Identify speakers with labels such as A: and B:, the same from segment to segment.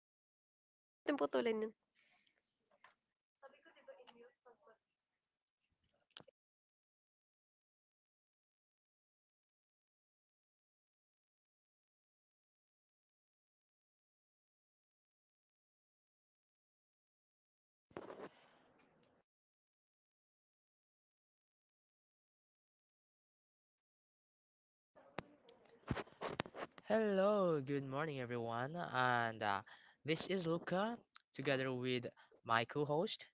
A: ako. O sige, wag na natin putulin yun.
B: Hello, good morning, everyone. And this is Luca, together with my co-host.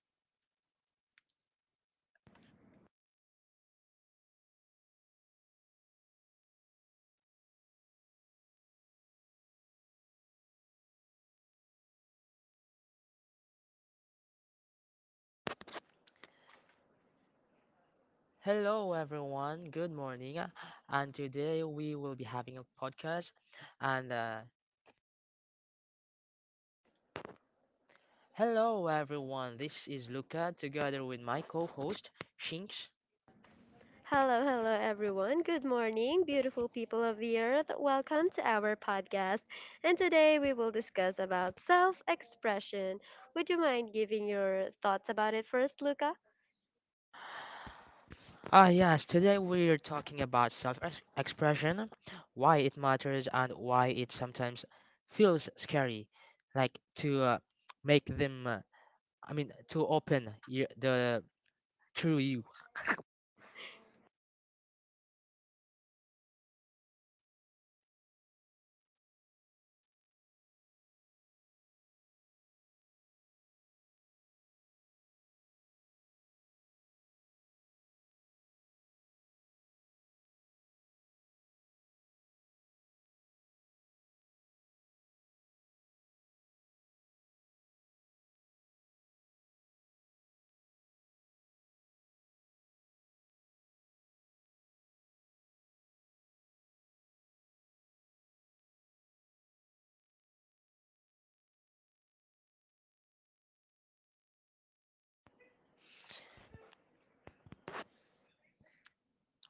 B: Hello, everyone. Good morning. And today we will be having a podcast. And hello, everyone. This is Luca, together with my co-host Shinx.
A: Hello, hello everyone. Good morning, beautiful people of the earth. Welcome to our podcast. And today we will discuss about self-expression. Would you mind giving your thoughts about it first, Luca?
B: Yes, today we're talking about self expression, why it matters, and why it sometimes feels scary. Like to make them, I mean, to open your, the true you.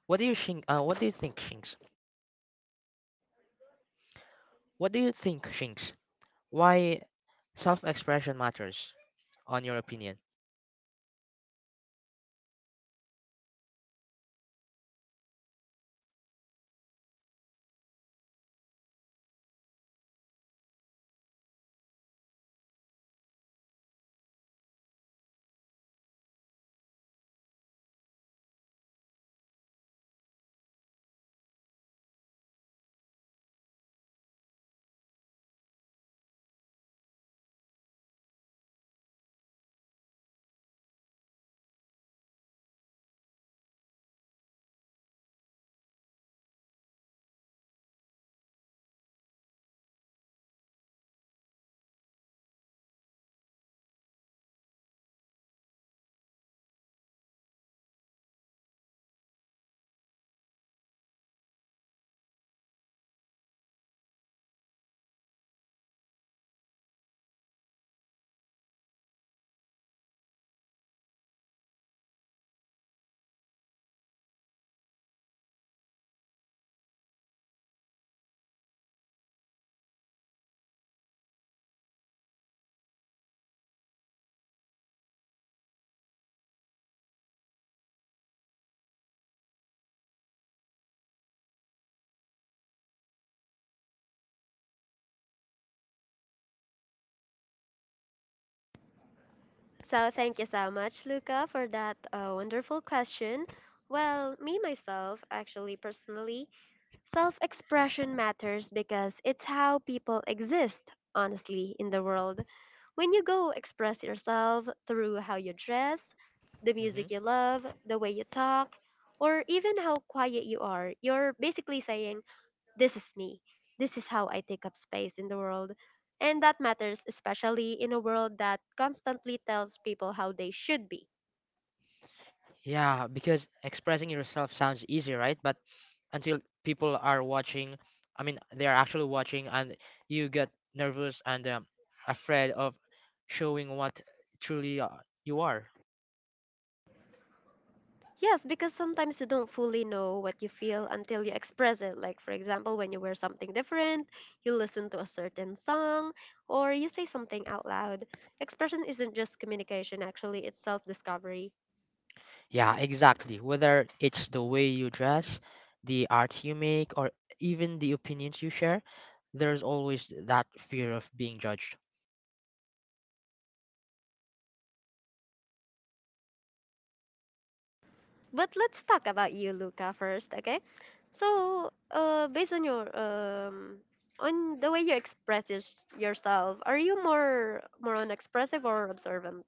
B: What do you think? What do you think, Shinks? What do you think, Shinks? Why self expression matters, on your opinion?
A: So, thank you so much, Luca, for that wonderful question. Well, me myself, actually, personally, self expression matters because it's how people exist, honestly, in the world. When you go express yourself through how you dress, the music you
B: Mm-hmm.
A: love, the way you talk, or even how quiet you are, you're basically saying, this is me. This is how I take up space in the world. And that matters especially in a world that constantly tells people how they should be.
B: Yeah, because expressing yourself sounds easy, right? But until people are watching, I mean, they are actually watching, and you get nervous and afraid of showing what truly you are.
A: Yes, because sometimes you don't fully know what you feel until you express it. Like, for example, when you wear something different, you listen to a certain song, or you say something out loud. Expression isn't just communication, actually, it's self discovery.
B: Yeah, exactly. Whether it's the way you dress, the art you make, or even the opinions you share, there's always that fear of being judged.
A: But let's talk about you, Luca, first, okay? So, based on your on the way you express yourself, are you more on expressive or observant?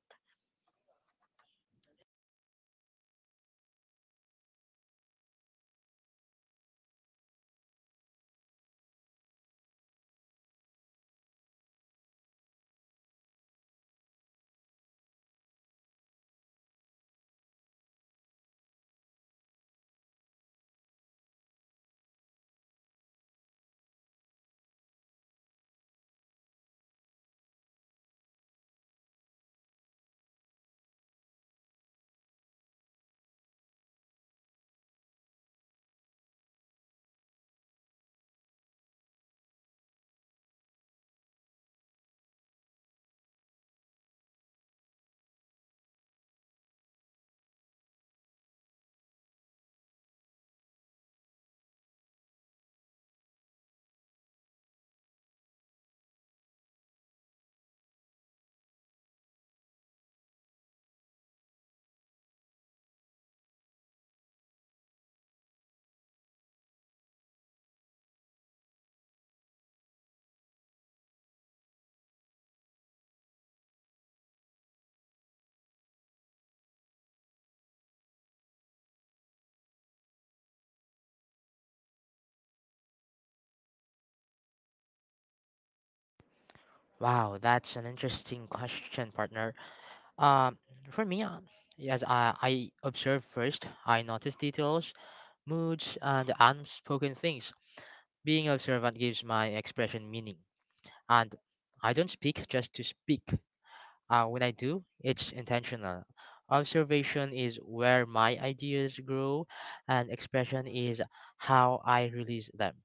B: Wow, that's an interesting question, partner. Um, for me, yes, I observe first. I notice details, moods, and unspoken things. Being observant gives my expression meaning, and I don't speak just to speak. When I do, it's intentional. Observation is where my ideas grow, and expression is how I release them.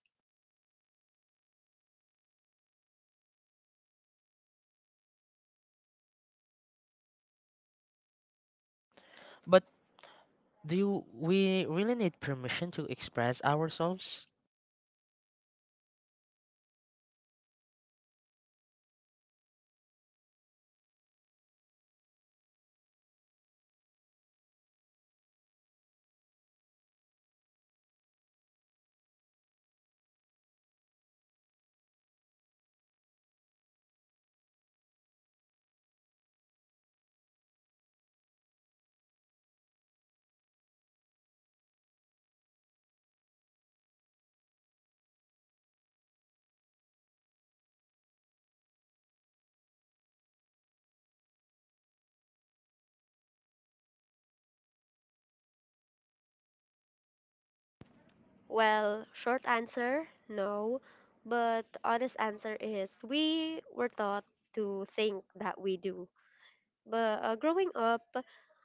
B: But do we really need permission to express ourselves?
A: Well, short answer, no. But honest answer is we were taught to think that we do. But growing up,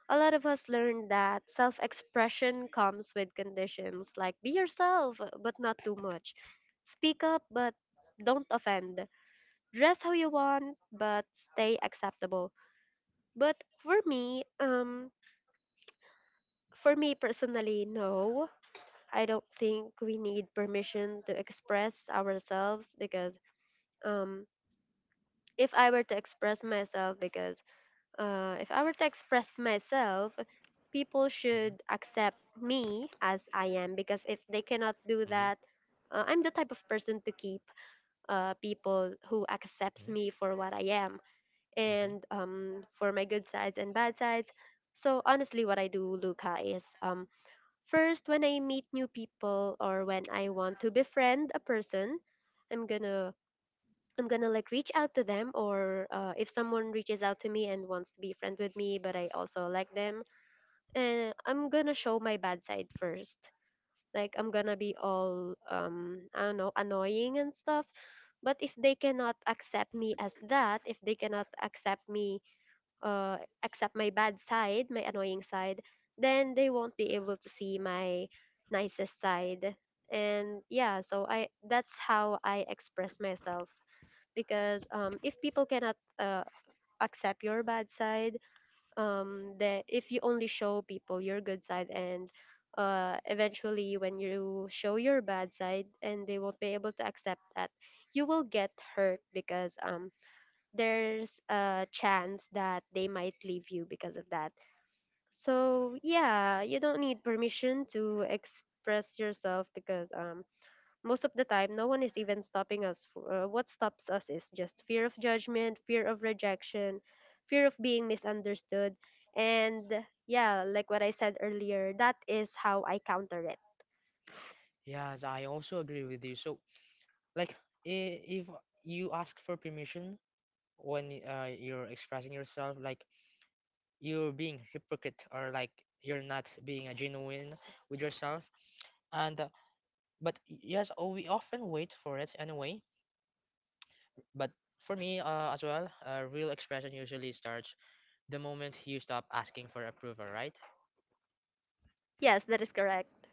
A: a lot of us learned that self expression comes with conditions like be yourself, but not too much. Speak up, but don't offend. Dress how you want, but stay acceptable. But for me personally, no. I don't think we need permission to express ourselves because um if I were to express myself because if I were to express myself people should accept me as I am because if they cannot do
B: Hmm.
A: that I'm the type of person to keep people who accepts
B: Hmm.
A: me for what I am
B: Hmm.
A: and for my good sides and bad sides. So honestly, what I do, Luca, is first, when I meet new people or when I want to befriend a person, I'm gonna I'm gonna like reach out to them or if someone reaches out to me and wants to be friend with me, but I also like them, and I'm gonna show my bad side first. Like I'm gonna be all I don't know, annoying and stuff. But if they cannot accept me as that, if they cannot accept me uh, accept my bad side, my annoying side, then they won't be able to see my nicest side. And yeah, so I that's how I express myself because if people cannot accept your bad side, that if you only show people your good side and eventually when you show your bad side and they won't be able to accept that, you will get hurt because there's a chance that they might leave you because of that. So yeah, you don't need permission to express yourself because most of the time no one is even stopping us. For, what stops us is just fear of judgment, fear of rejection, fear of being misunderstood, and yeah, like what I said earlier, that is how I counter it.
B: Yes, I also agree with you. So, like if you ask for permission when you're expressing yourself, like you're being hypocrite, or like you're not being a genuine with yourself and but yes oh, we often wait for it anyway, but for me as well, real expression usually starts the moment you stop asking for approval, right?
A: Yes, that is correct.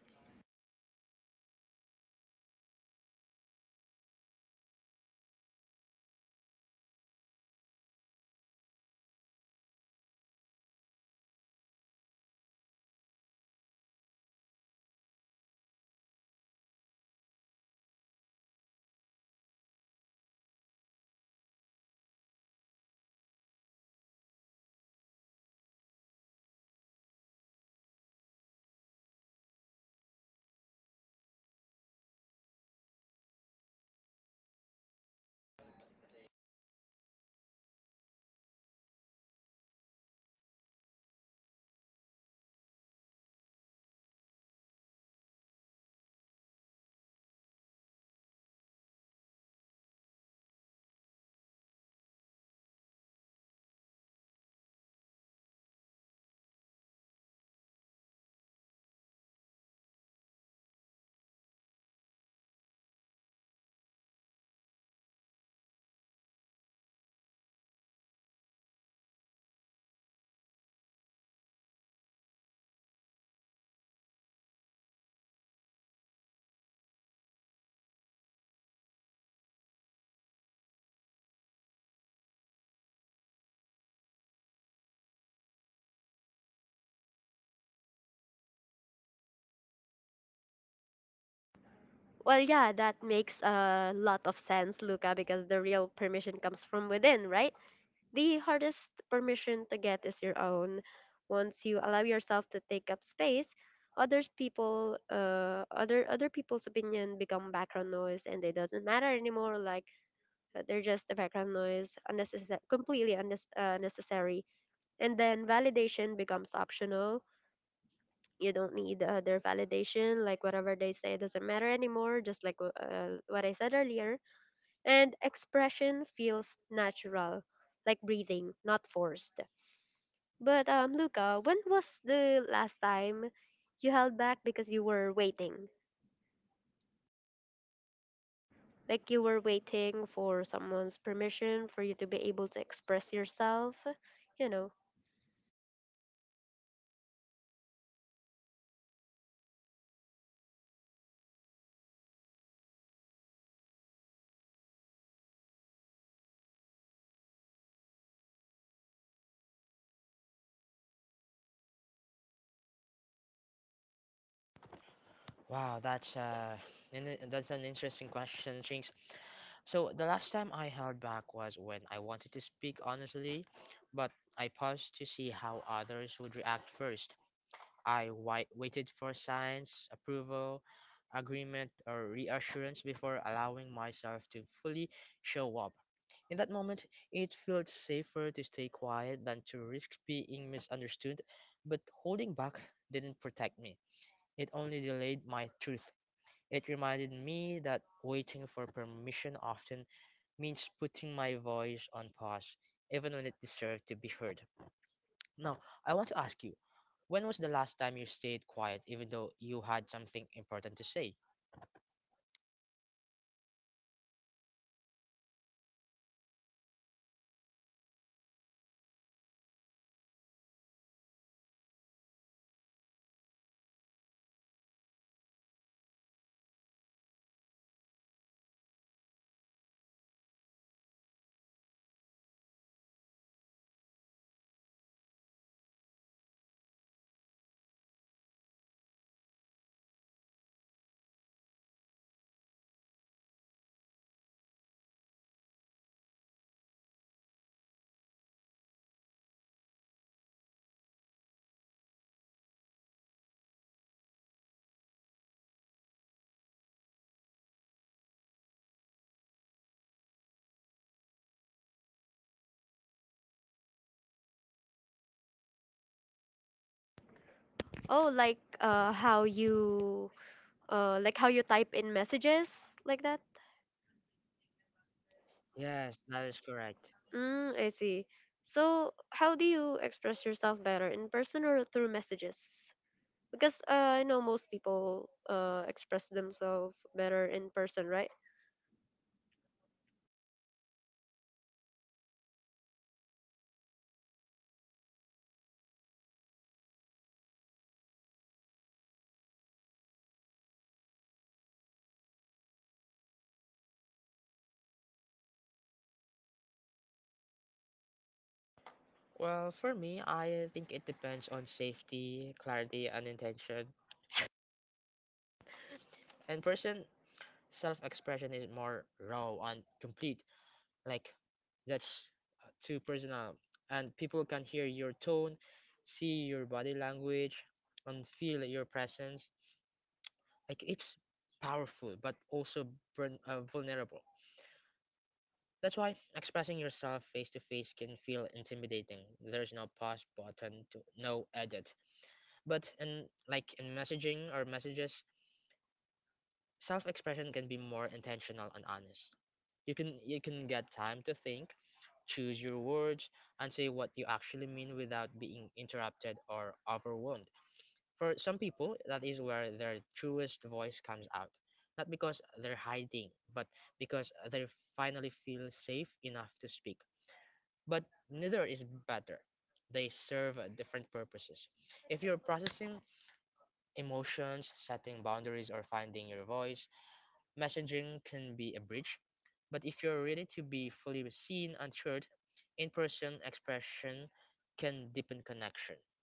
A: Well, yeah, that makes a lot of sense, Luca, because the real permission comes from within, right? The hardest permission to get is your own. Once you allow yourself to take up space, others people other people's opinion become background noise and it doesn't matter anymore like they're just a background noise unnecessary completely unnecessary and then validation becomes optional. You don't need their validation like whatever they say doesn't matter anymore just like what I said earlier and expression feels natural like breathing, not forced. But Luca, when was the last time you held back because you were waiting? Like you were waiting for someone's permission for you to be able to express yourself, you know?
B: wow that's uh that's an interesting question, Jinx. So the last time I held back was when I wanted to speak honestly, but I paused to see how others would react first. Waited for signs, approval, agreement, or reassurance before allowing myself to fully show up. In that moment, it felt safer to stay quiet than to risk being misunderstood, but holding back didn't protect me. It only delayed my truth. It reminded me that waiting for permission often means putting my voice on pause, even when it deserved to be heard. Now, I want to ask you, when was the last time you stayed quiet even though you had something important to say?
A: Oh, like how you like how you type in messages like that.
B: Yes, that is correct.
A: Mm, I see. So how do you express yourself better in person or through messages? Because I know most people express themselves better in person, right?
B: Well, for me, I think it depends on safety, clarity, and intention. And person self expression is more raw and complete. Like, that's too personal. And people can hear your tone, see your body language, and feel your presence. Like, it's powerful, but also vulnerable. That's why expressing yourself face to face can feel intimidating. There's no pause button to no edit. But in like in messaging or messages, self-expression can be more intentional and honest. You can get time to think, choose your words, and say what you actually mean without being interrupted or overwhelmed. For some people, that is where their truest voice comes out. Not because they're hiding, but because they finally feel safe enough to speak. But neither is better. They serve different purposes. If you're processing emotions, setting boundaries, or finding your voice. Messaging can be a bridge, but if you're ready to be fully seen and heard, in person expression can deepen connection.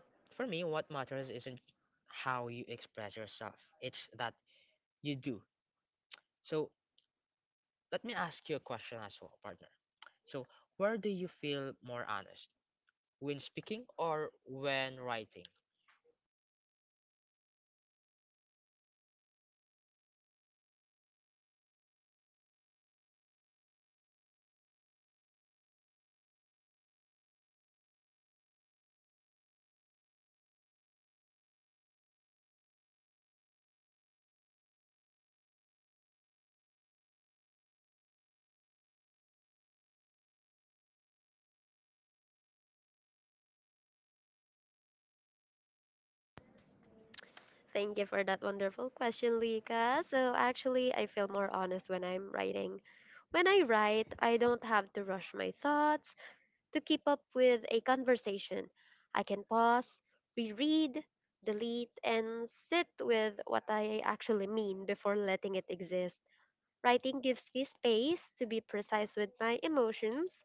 B: But for me, what matters isn't how you express yourself, it's that you do. So let me ask you a question as well, partner. So, where do you feel more honest? When speaking or when writing?
A: Thank you for that wonderful question, Lika. So actually, I feel more honest when I'm writing. When I write, I don't have to rush my thoughts to keep up with a conversation. I can pause, reread, delete, and sit with what I actually mean before letting it exist. Writing gives me space to be precise with my emotions,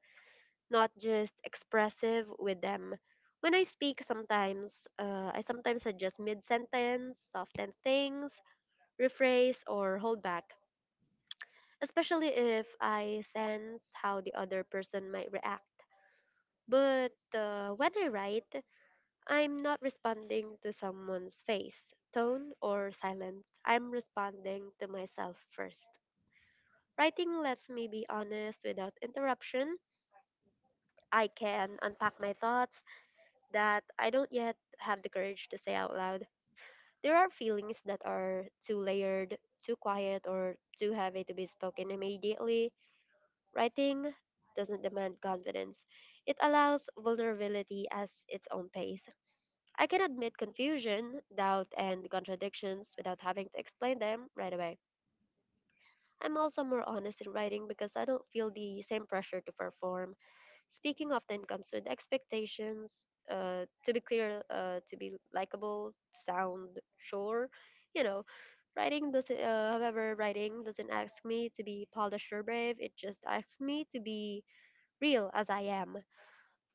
A: not just expressive with them. When I speak, sometimes I sometimes suggest mid sentence, soften things, rephrase, or hold back, especially if I sense how the other person might react. But when I write, I'm not responding to someone's face, tone, or silence. I'm responding to myself first. Writing lets me be honest without interruption. I can unpack my thoughts that I don't yet have the courage to say out loud. There are feelings that are too layered, too quiet, or too heavy to be spoken immediately. Writing doesn't demand confidence, it allows vulnerability as its own pace. I can admit confusion, doubt, and contradictions without having to explain them right away. I'm also more honest in writing because I don't feel the same pressure to perform. Speaking of the income, so the expectations, to be clear, to be likable, sound, sure, you know, writing doesn't. However, writing doesn't ask me to be polished or brave. It just asks me to be real as I am.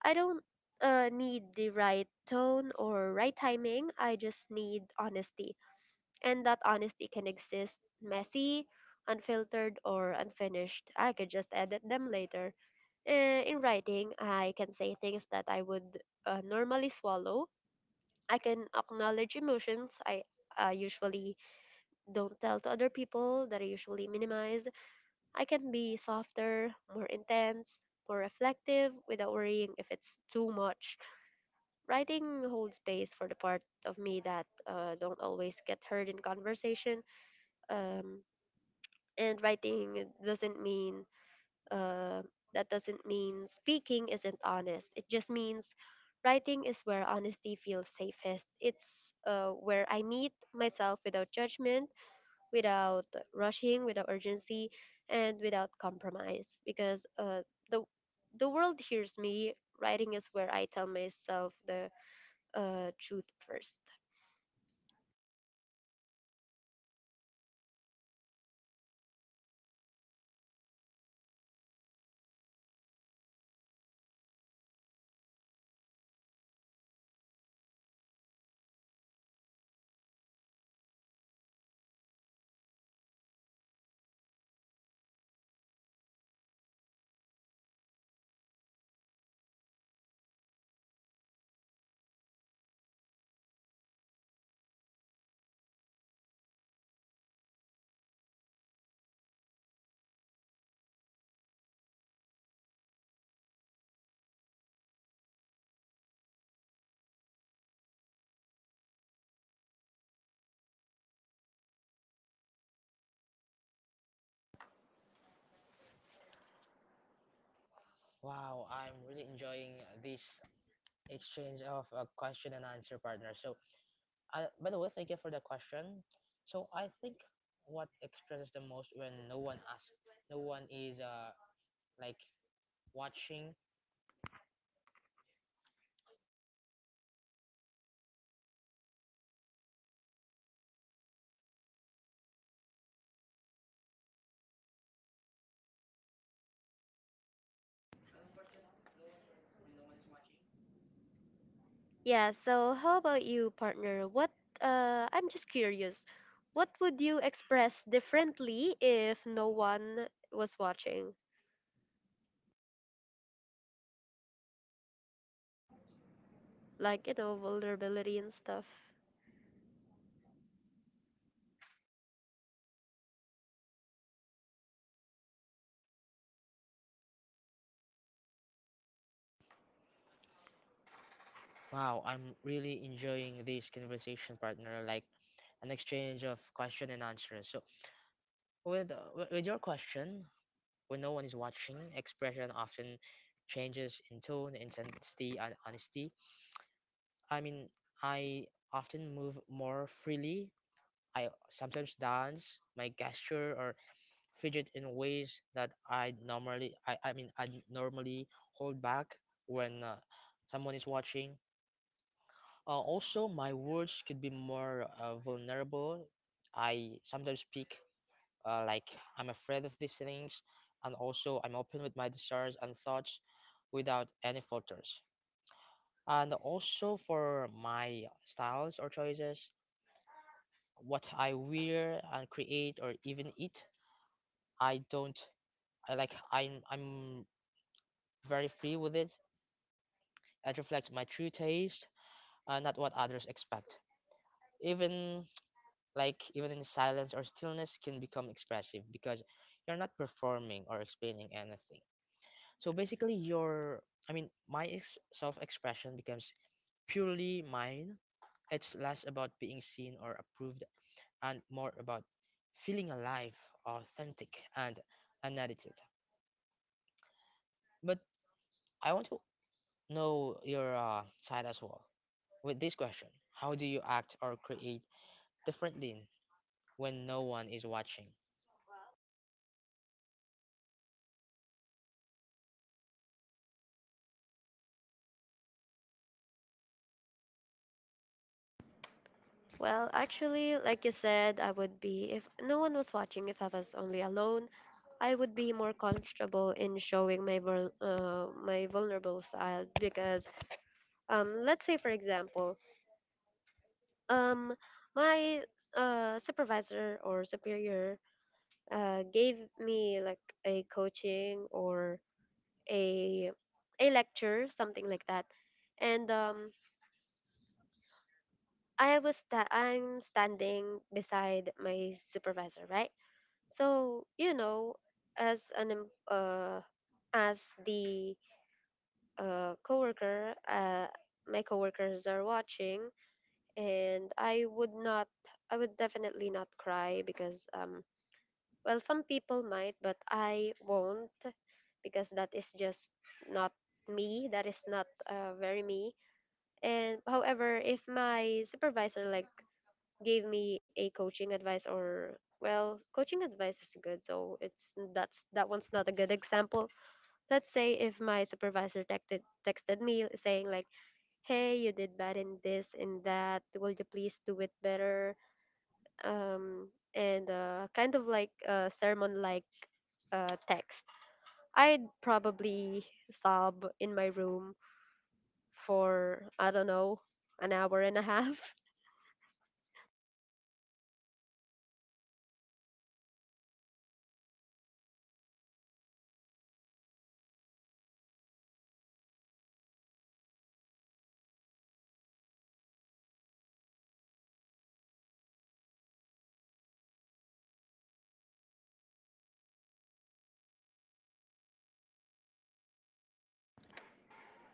A: I don't need the right tone or right timing. I just need honesty, and that honesty can exist messy, unfiltered, or unfinished. I could just edit them later. In writing, I can say things that I would normally swallow. I can acknowledge emotions I usually don't tell to other people, that I usually minimize. I can be softer, more intense, more reflective without worrying if it's too much. Writing holds space for the part of me that don't always get heard in conversation. Um, and writing doesn't mean Uh, that doesn't mean speaking isn't honest. It just means writing is where honesty feels safest. It's where I meet myself without judgment, without rushing, without urgency, and without compromise. Because the the world hears me. Writing is where I tell myself the truth first.
B: Wow, I'm really enjoying this exchange of a question and answer partner. So, I, by the way, thank you for the question. So, I think what expresses the most when no one asks, no one is like watching.
A: Yeah, so how about you, partner? What I'm just curious. What would you express differently if no one was watching? Like, you know, vulnerability and stuff.
B: Wow, I'm really enjoying this conversation partner, like an exchange of question and answers. So, with with your question, when no one is watching, expression often changes in tone, intensity, and honesty. I mean, I often move more freely. I sometimes dance, my gesture or fidget in ways that I normally I normally hold back when someone is watching. Also, my words could be more vulnerable. I sometimes speak like I'm afraid of these things, and also I'm open with my desires and thoughts without any filters. And also for my styles or choices, what I wear and create or even eat, I don't I I'm very free with it. It reflects my true taste, not what others expect. Even like even in silence or stillness can become expressive because you're not performing or explaining anything. So basically your I mean my ex- self-expression becomes purely mine. It's less about being seen or approved and more about feeling alive, authentic and unedited. But I want to know your side as well. With this question, how do you act or create differently when no one is watching?
A: Well, actually, like you said, I would be if no one was watching, if I was only alone, I would be more comfortable in showing my my vulnerable side because let's say for example, um my supervisor or superior gave me like a coaching or a a lecture, something like that. And I was I'm standing beside my supervisor, right? So you know, as as the coworker, my coworkers are watching, and I would not, I would definitely not cry because well, some people might, but I won't because that is just not me. That is not very me. And however, if my supervisor like gave me a coaching advice or well, coaching advice is good, so it's that's that one's not a good example. Let's say if my supervisor texted me saying like, "Hey, you did bad in this in that. Will you please do it better?" Um, and kind of like a sermon like text I'd probably sob in my room for, I don't know, an hour and a half.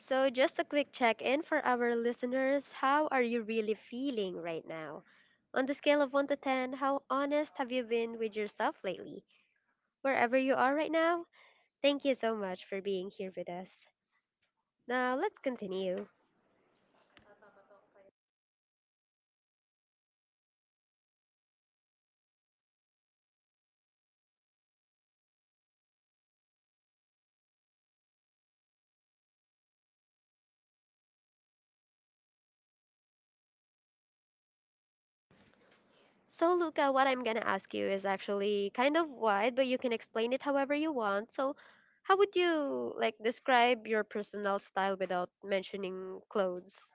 A: So, just a quick check in for our listeners. How are you really feeling right now? On the scale of 1 to 10, how honest have you been with yourself lately? Wherever you are right now, thank you so much for being here with us. Now, let's continue. So, Luca, what I'm going to ask you is actually kind of wide, but you can explain it however you want. So, how would you like describe your personal style without mentioning clothes?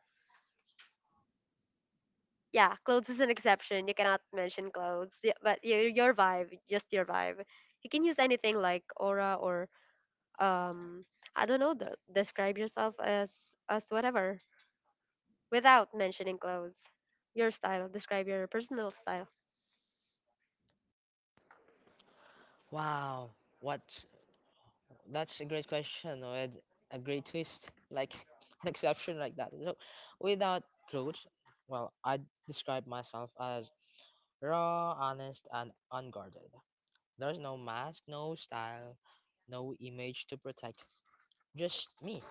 A: Yeah, clothes is an exception. You cannot mention clothes, yeah, but your vibe, just your vibe. You can use anything like aura or um, I don't know. The, describe yourself as whatever without mentioning clothes. Your style. Describe your personal style.
B: Wow, what? That's a great question with a great twist, like an exception like that. So, without clothes, well, I describe myself as raw, honest, and unguarded. There's no mask, no style, no image to protect, just me.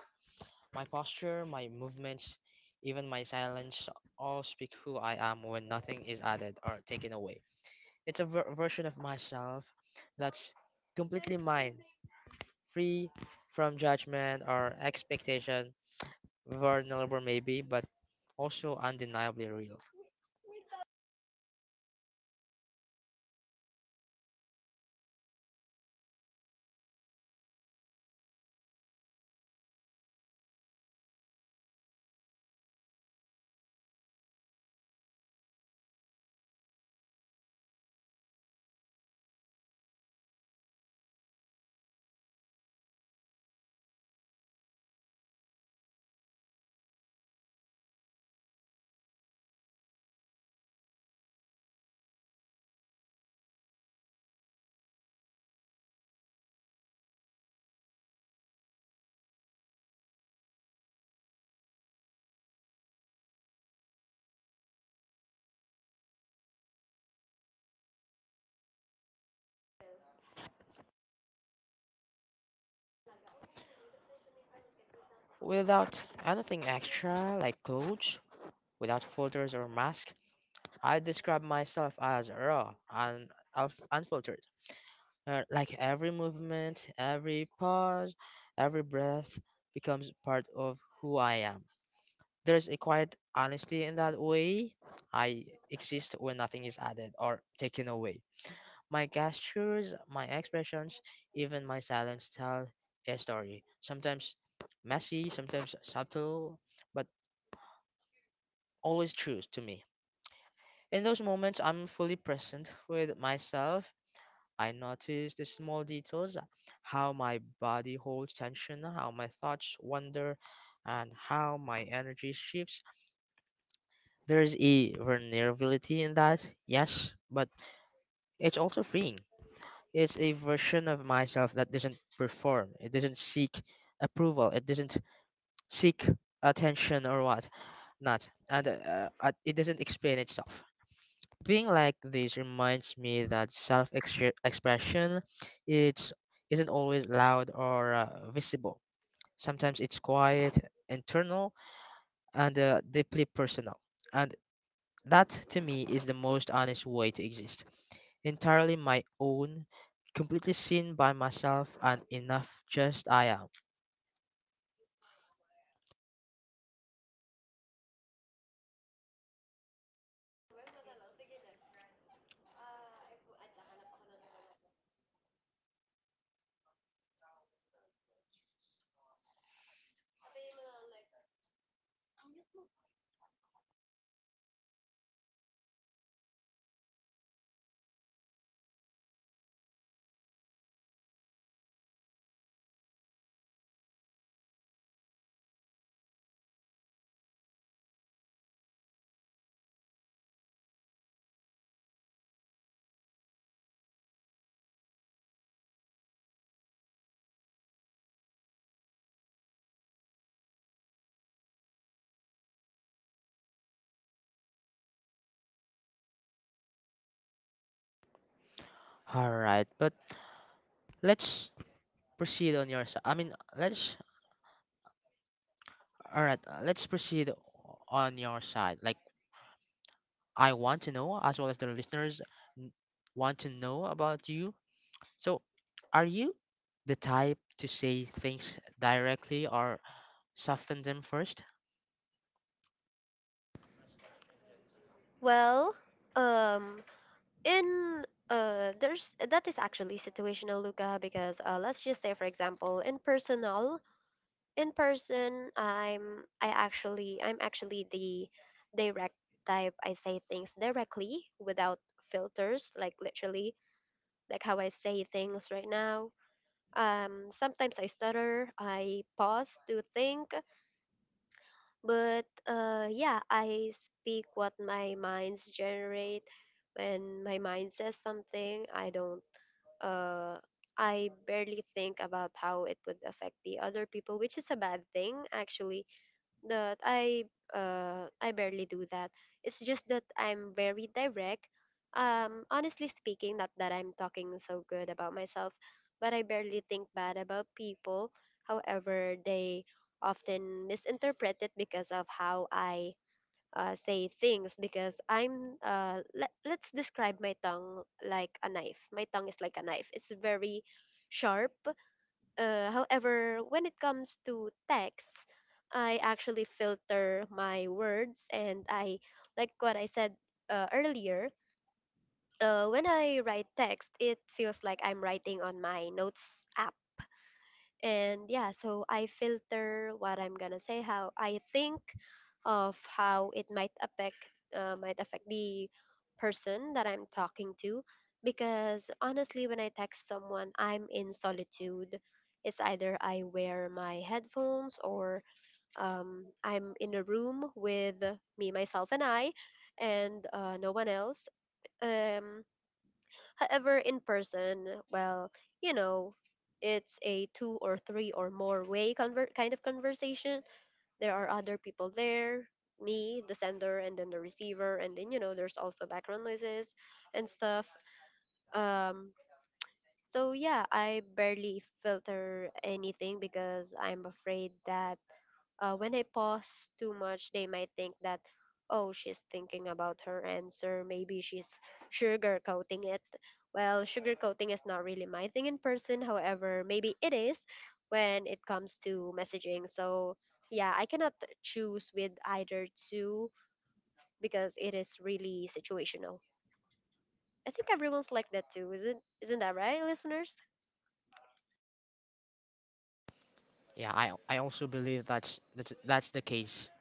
B: My posture, my movements, even my silence all speak who I am when nothing is added or taken away. It's a version of myself that's completely mine, free from judgment or expectation, vulnerable maybe, but also undeniably real. Without anything extra like clothes, without filters or mask, I describe myself as raw and unfiltered. Like every movement, every pause, every breath becomes part of who I am. There's a quiet honesty in that way. I exist when nothing is added or taken away. My gestures, my expressions, even my silence tell a story. Sometimes messy, sometimes subtle, but always true to me. In those moments, I'm fully present with myself. I notice the small details, how my body holds tension, how my thoughts wander, and how my energy shifts. There's a vulnerability in that, yes, but it's also freeing. It's a version of myself that doesn't perform, it doesn't seek approval, it doesn't seek attention or what not, and it doesn't explain itself. Being like this reminds me that self-expression it's isn't always loud or visible. Sometimes it's quiet, internal, and deeply personal. And that to me is the most honest way to exist. Entirely my own, completely seen by myself and enough just I am. All right, but let's proceed on your side. I mean, let's all right, let's proceed on your side. Like I want to know, as well as the listeners n- want to know about you. So, are you the type to say things directly or soften them first?
A: Well, um, in there's that is actually situational, Luca, because let's just say for example in personal in person I'm I actually I'm actually the direct type. I say things directly without filters, like literally like how I say things right now. Sometimes I stutter, I pause to think, but yeah, I speak what my minds generate. When my mind says something, I don't. Uh, I barely think about how it would affect the other people, which is a bad thing actually, but I barely do that. It's just that I'm very direct. Honestly speaking, not that I'm talking so good about myself, but I barely think bad about people. However, they often misinterpret it because of how I say things because I'm let's describe my tongue like a knife. My tongue is like a knife. It's very sharp. However, when it comes to texts, I actually filter my words and, like what I said earlier, when I write text, it feels like I'm writing on my notes app. And yeah, so I filter what I'm gonna say, how I think of how it might affect, might affect the person that I'm talking to, because honestly when I text someone I'm in solitude. It's either I wear my headphones or I'm in a room with me, myself, and I, and no one else. um, However, in person, well, you know, it's a two or three or more way kind of conversation. There are other people there: me, the sender, and then the receiver, and then you know, there's also background noises and stuff. Um, so yeah, I barely filter anything because I'm afraid that when I pause too much, they might think that, oh, she's thinking about her answer. Maybe she's sugarcoating it. Well, sugarcoating is not really my thing in person. However, maybe it is when it comes to messaging. So, yeah, I cannot choose with either two because it is really situational. I think everyone's like that too, isn't that right, listeners?
B: Yeah, I also believe that's that's the case.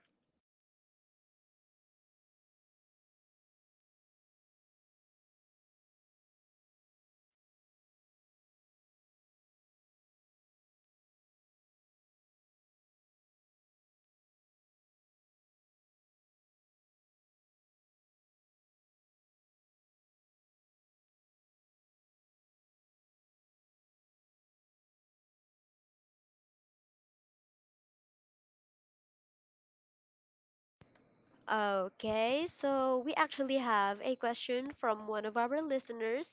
A: Okay, so we actually have a question from one of our listeners.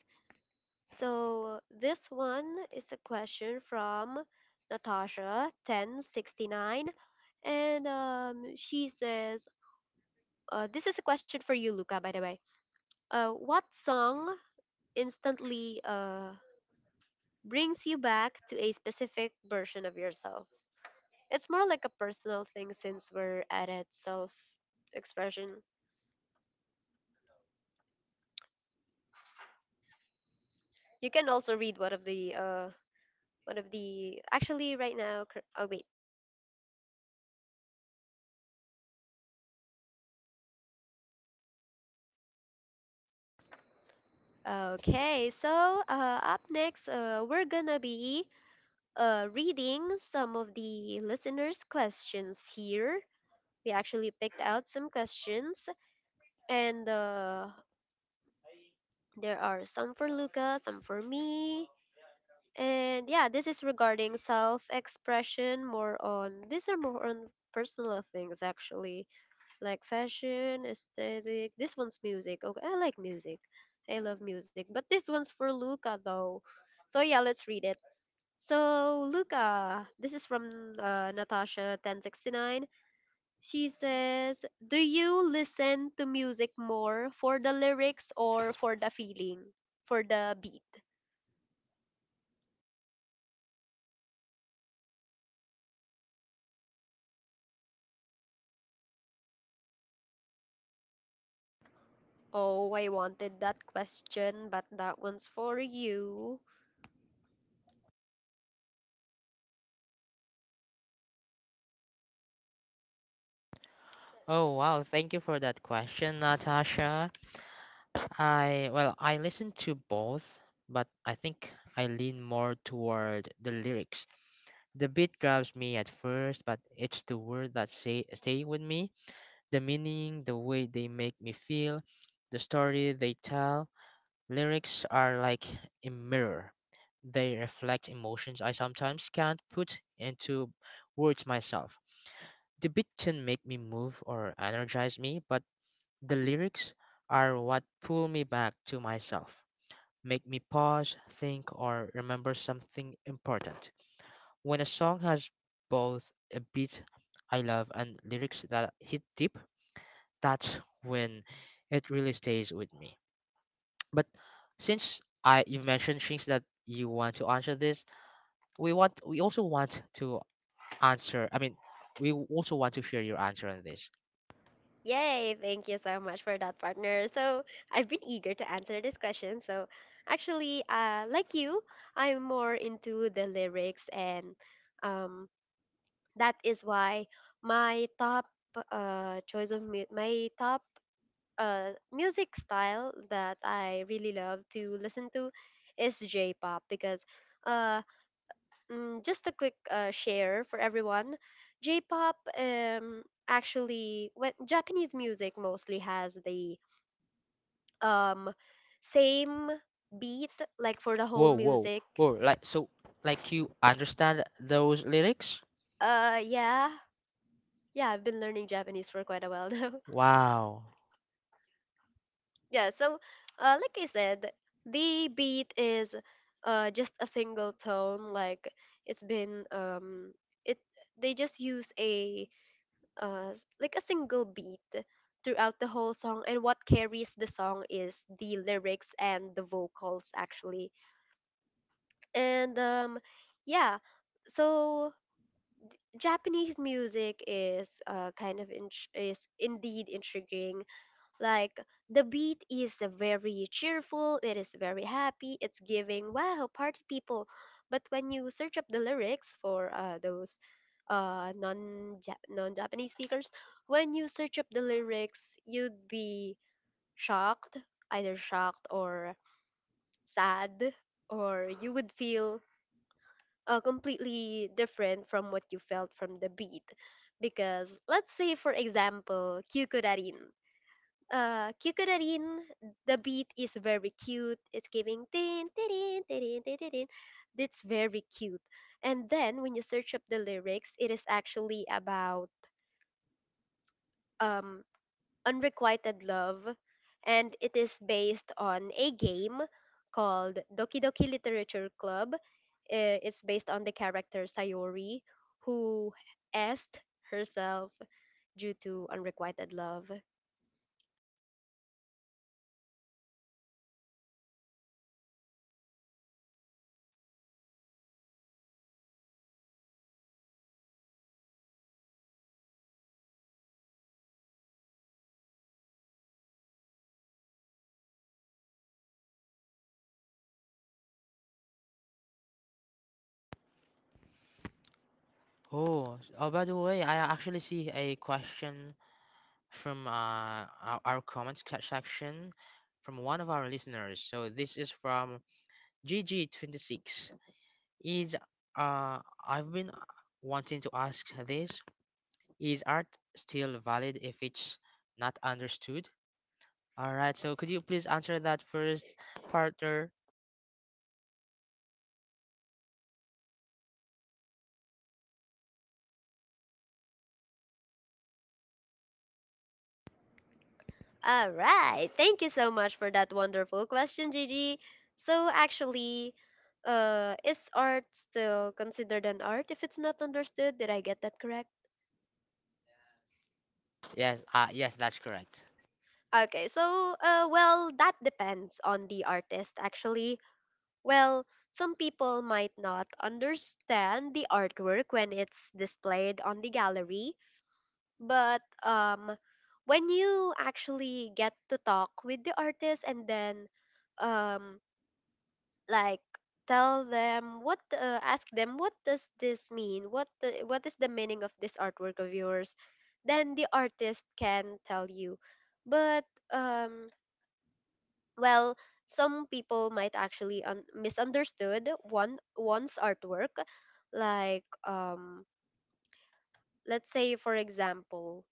A: So this one is a question from Natasha 1069, and she says, this is a question for you, Luca, by the way. What song instantly brings you back to a specific version of yourself? It's more like a personal thing since we're at it, self expression. You can also read one of the actually right now cur- oh wait Okay, so up next, we're gonna be reading some of the listeners' questions here. We actually picked out some questions, and there are some for Luca, some for me. And yeah, this is regarding self expression. More on, these are more on personal things actually, like fashion, aesthetic. This one's music. Okay, I like music. I love music. But this one's for Luca though. So yeah, let's read it. So, Luca, this is from Natasha 1069. She says, do you listen to music more for the lyrics or for the feeling, for the beat? Oh, I wanted that question, but that one's for you.
B: Oh wow, thank you for that question, Natasha. I well, I listen to both, but I think I lean more toward the lyrics. The beat grabs me at first, but it's the word that say stay with me. The meaning, the way they make me feel, the story they tell. Lyrics are like a mirror. They reflect emotions I sometimes can't put into words myself. The beat can make me move or energize me, but the lyrics are what pull me back to myself, make me pause, think, or remember something important. When a song has both a beat I love and lyrics that hit deep, that's when it really stays with me. But since I you mentioned things that you want to answer this, we also want to answer. I mean, we also want to hear your answer on this.
A: Yay, thank you so much for that, partner. So, I've been eager to answer this question. So, actually, like you, I'm more into the lyrics, and um, that is why my top choice of my top music style that I really love to listen to is J-pop, because uh, just a quick share for everyone. J-pop, actually, when Japanese music mostly has the um, same beat, like for the whole
B: Whoa, whoa,
A: music.
B: whoa! Like so, like you understand those lyrics?
A: Yeah, yeah, I've been learning Japanese for quite a while now.
B: Wow.
A: Yeah, so like I said, the beat is just a single tone, like it's been it they just use a like a single beat throughout the whole song, and what carries the song is the lyrics and the vocals actually. And yeah. So Japanese music is kind of is indeed intriguing. Like, the beat is very cheerful, it is very happy, it's giving wow party people. But when you search up the lyrics for those non, non Japanese speakers, when you search up the lyrics, you'd be shocked, either shocked or sad, or you would feel completely different from what you felt from the beat. Because let's say, for example, Kyukurarin, the beat is very cute. It's giving tin tin tin tin tin. It's very cute. And then when you search up the lyrics, it is actually about um unrequited love, and it is based on a game called Doki Doki Literature Club. It's based on the character Sayori who asked herself due to unrequited love.
B: Oh. By the way, I actually see a question from our comments section from one of our listeners. So this is from GG26. Is uh I've been wanting to ask this. Is art still valid if it's not understood? All right, so could you please answer that first, partner?
A: All right. Thank you so much for that wonderful question, Gigi. So actually, is art still considered an art if it's not understood? Did I get that correct?
B: Yes, yes, that's correct.
A: Okay. So, well, that depends on the artist actually. Well, some people might not understand the artwork when it's displayed on the gallery, but when you actually get to talk with the artist and then um like tell them what, ask them, what does this mean, what is the meaning of this artwork of yours, then the artist can tell you. But um well some people might actually misunderstood one's artwork. Like, let's say, for example,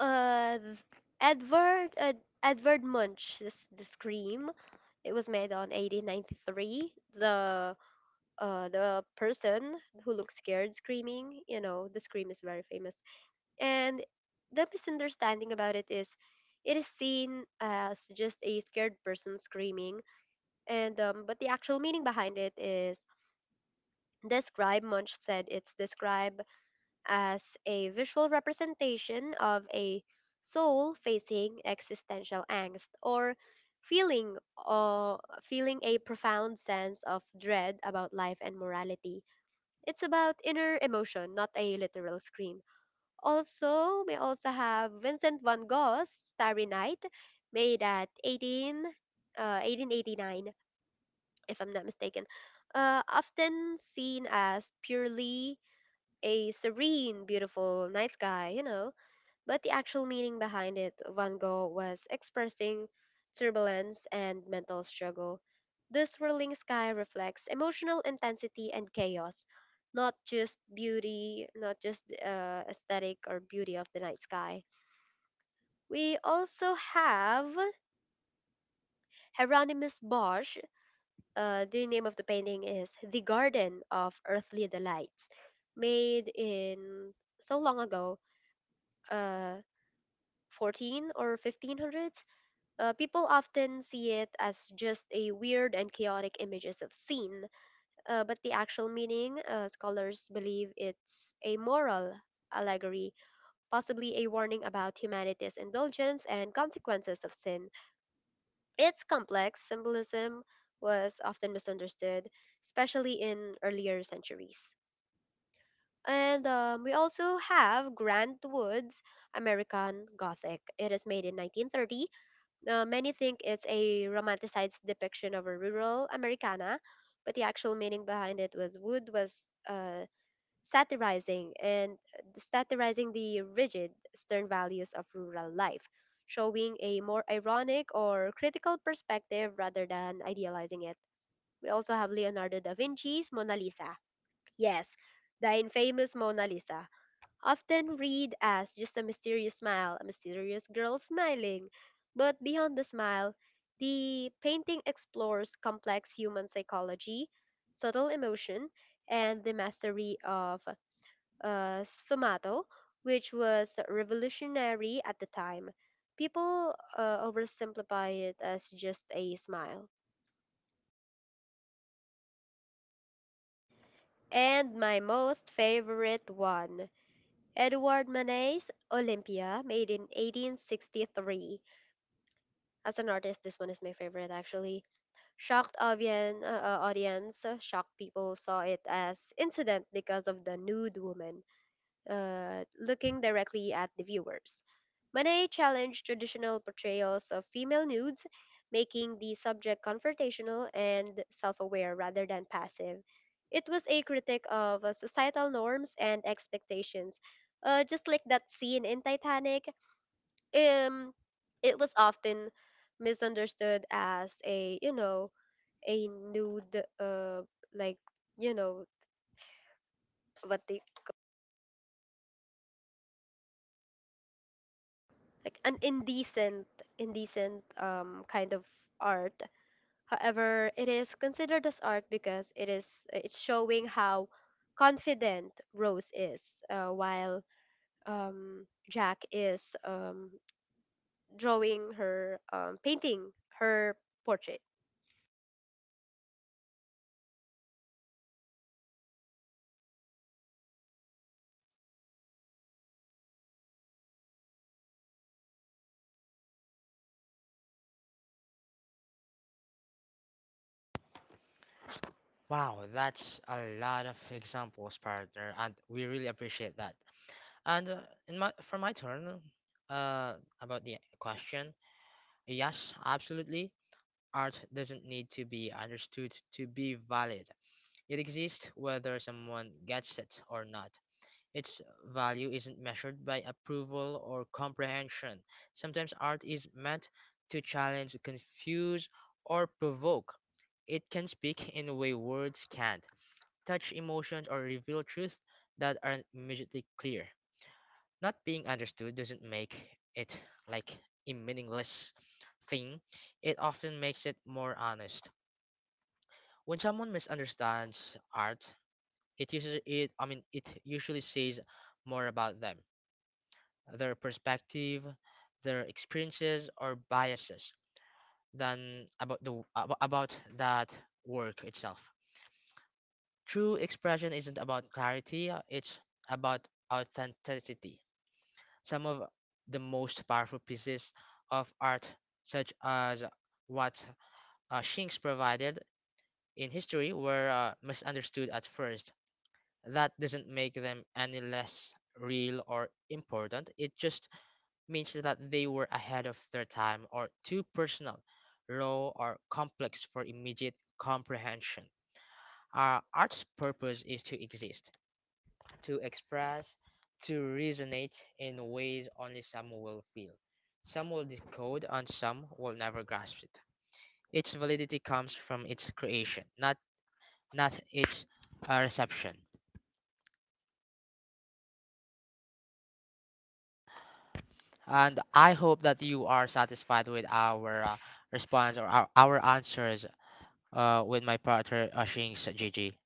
A: uh th- Edvard uh, Edvard Munch's The Scream. It was made on 1893, the person who looks scared screaming. You know, The Scream is very famous. And the misunderstanding about it is seen as just a scared person screaming. And but the actual meaning behind it is the scribe Munch said it's described as a visual representation of a soul facing existential angst, or feeling uh, feeling a profound sense of dread about life and morality. It's about inner emotion, not a literal scream. Also, we also have Vincent van Gogh's Starry Night, made at 18, 1889, if I'm not mistaken. Often seen as purely a serene, beautiful night sky, you know, but the actual meaning behind it, Van Gogh was expressing turbulence and mental struggle. The swirling sky reflects emotional intensity and chaos, not just beauty, not just aesthetic or beauty of the night sky. We also have Hieronymus Bosch. The name of the painting is The Garden of Earthly Delights, made in so long ago, uh, 14 or 1500s. People often see it as just a weird and chaotic images of sin, but the actual meaning, scholars believe it's a moral allegory, possibly a warning about humanity's indulgence and consequences of sin. Its complex symbolism was often misunderstood, especially in earlier centuries. And we also have Grant Wood's American Gothic. It is made in 1930. Many think it's a romanticized depiction of a rural Americana, but the actual meaning behind it was Wood was satirizing and satirizing the rigid, stern values of rural life, showing a more ironic or critical perspective rather than idealizing it. We also have Leonardo da Vinci's Mona Lisa. Yes, the infamous Mona Lisa, often read as just a mysterious smile, a mysterious girl smiling. But beyond the smile, the painting explores complex human psychology, subtle emotion, and the mastery of sfumato, which was revolutionary at the time. People oversimplify it as just a smile. And my most favorite one, Edouard Manet's Olympia, made in 1863. As an artist, this one is my favorite actually. Shocked audience, shocked people saw it as incident because of the nude woman looking directly at the viewers. Manet challenged traditional portrayals of female nudes, making the subject confrontational and self-aware rather than passive. It was a critique of societal norms and expectations, just like that scene in Titanic. um, it was often misunderstood as a, you know, a nude, like, you know, what they like an indecent, indecent, kind of art. However, it is considered as art because it's showing how confident Rose is, while Jack is drawing her, painting her portrait.
B: Wow, that's a lot of examples, partner, and we really appreciate that. And in my for my turn, uh about the question, yes, absolutely. Art doesn't need to be understood to be valid. It exists whether someone gets it or not. Its value isn't measured by approval or comprehension. Sometimes art is meant to challenge, confuse, or provoke. It can speak in a way words can't, touch emotions, or reveal truths that aren't immediately clear. Not being understood doesn't make it like a meaningless thing, it often makes it more honest. When someone misunderstands art, it usually it I mean it usually says more about them, their perspective, their experiences or biases than about that work itself. True expression isn't about clarity, it's about authenticity. Some of the most powerful pieces of art such as what Shinks provided in history were misunderstood at first. That doesn't make them any less real or important. It just means that they were ahead of their time or too personal, raw, or complex for immediate comprehension. Our art's purpose is to exist, to express, to resonate in ways only some will feel. Some will decode and some will never grasp it. Its validity comes from its creation, not its reception. And I hope that you are satisfied with our response or our answers with my partner Shing's Gigi.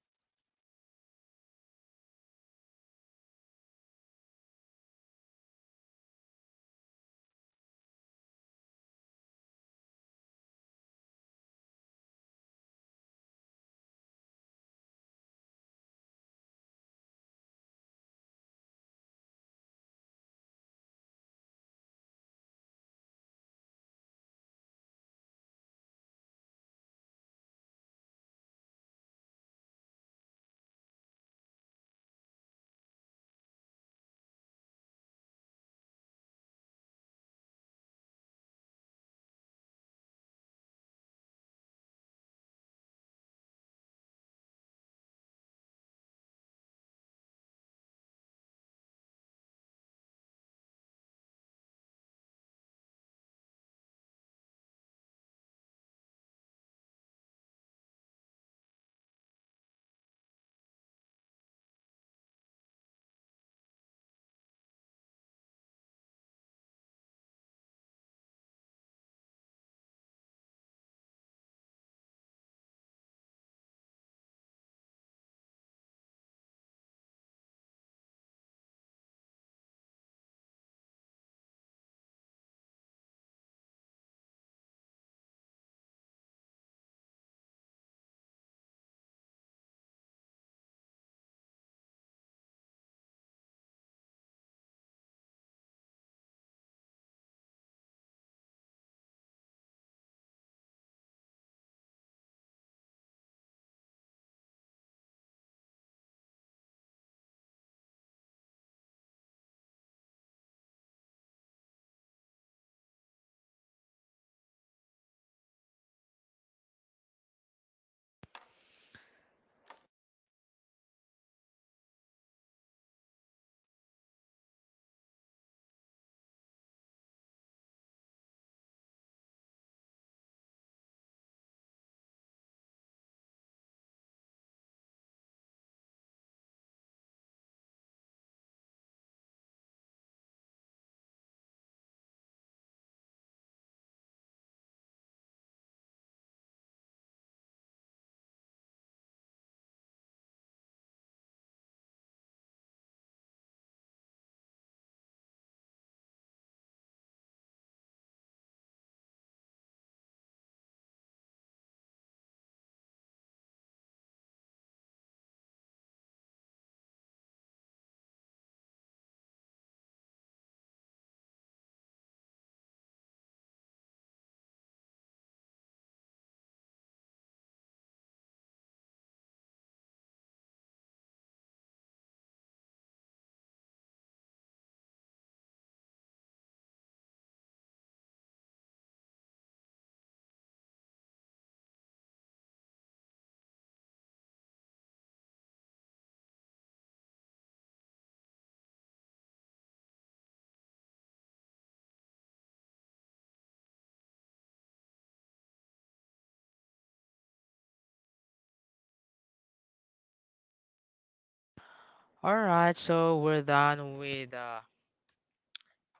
B: All right, so we're done with uh,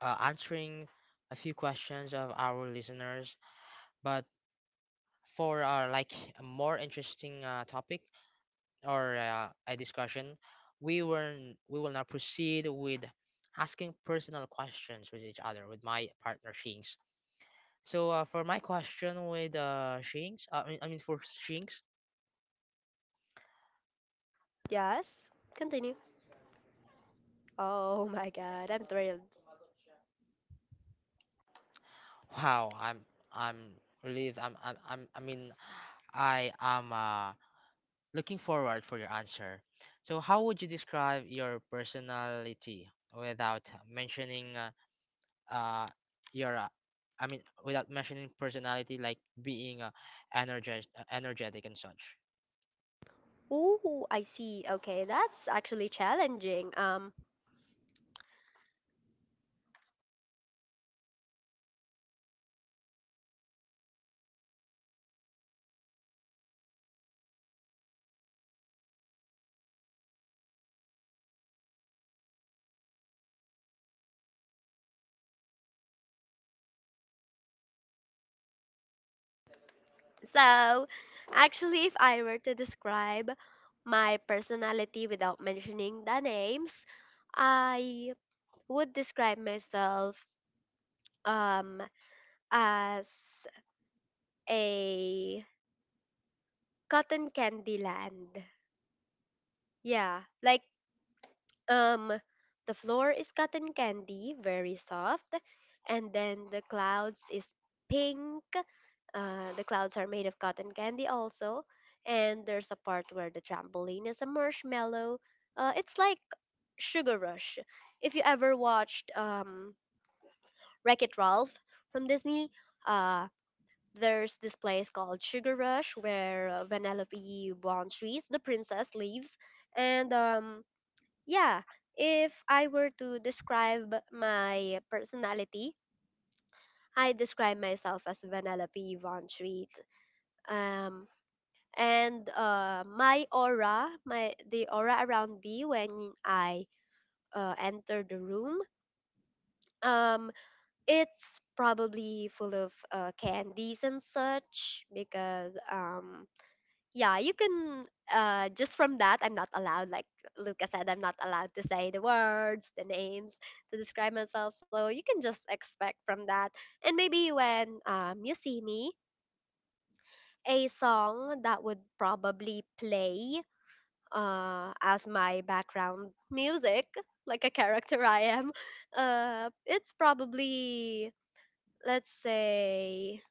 B: uh, answering a few questions of our listeners. But for like a more interesting topic or a discussion, we will now proceed with asking personal questions with each other with my partner Shings. So for my question with Shinx, I mean for Shinx,
A: Yes, continue. Oh my god, I'm thrilled.
B: wow, I'm relieved. I mean, I am looking forward for your answer. So how would you describe your personality without mentioning uh your I mean without mentioning personality like being energetic and such.
A: Ooh, I see. Okay, that's actually challenging. So actually, if I were to describe my personality without mentioning the names, I would describe myself um as a cotton candy land. Yeah, like um the floor is cotton candy, very soft, and then the clouds is pink. The clouds are made of cotton candy also, and there's a part where the trampoline is a marshmallow. It's like Sugar Rush. If you ever watched Wreck It Ralph from Disney, uh, there's this place called Sugar Rush where Vanellope Bonstreet, the princess, lives. And yeah, if I were to describe my personality, I describe myself as Vanellope Von Treat. Um, and my aura, my the aura around me when I enter the room, um, it's probably full of candies and such because yeah, you can just from that, I'm not allowed, like Luca said, I'm not allowed to say the words, the names to describe myself. So you can just expect from that, and maybe when you see me. A song that would probably play as my background music, like a character I am, uh, it's probably, let's say,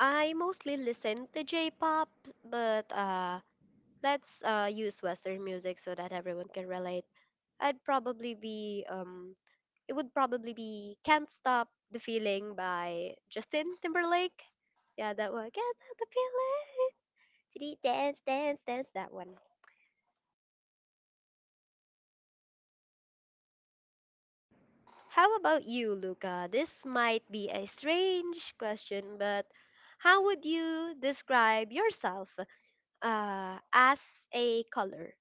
A: I mostly listen to J pop, but let's use Western music so that everyone can relate. I'd probably be, um, it would probably be Can't Stop the Feeling by Justin Timberlake. Yeah, that one. Can't Stop the Feeling. Dee dee Dance, dance, dance. That one. How about you, Luca? This might be a strange question, but how would you describe yourself as a color?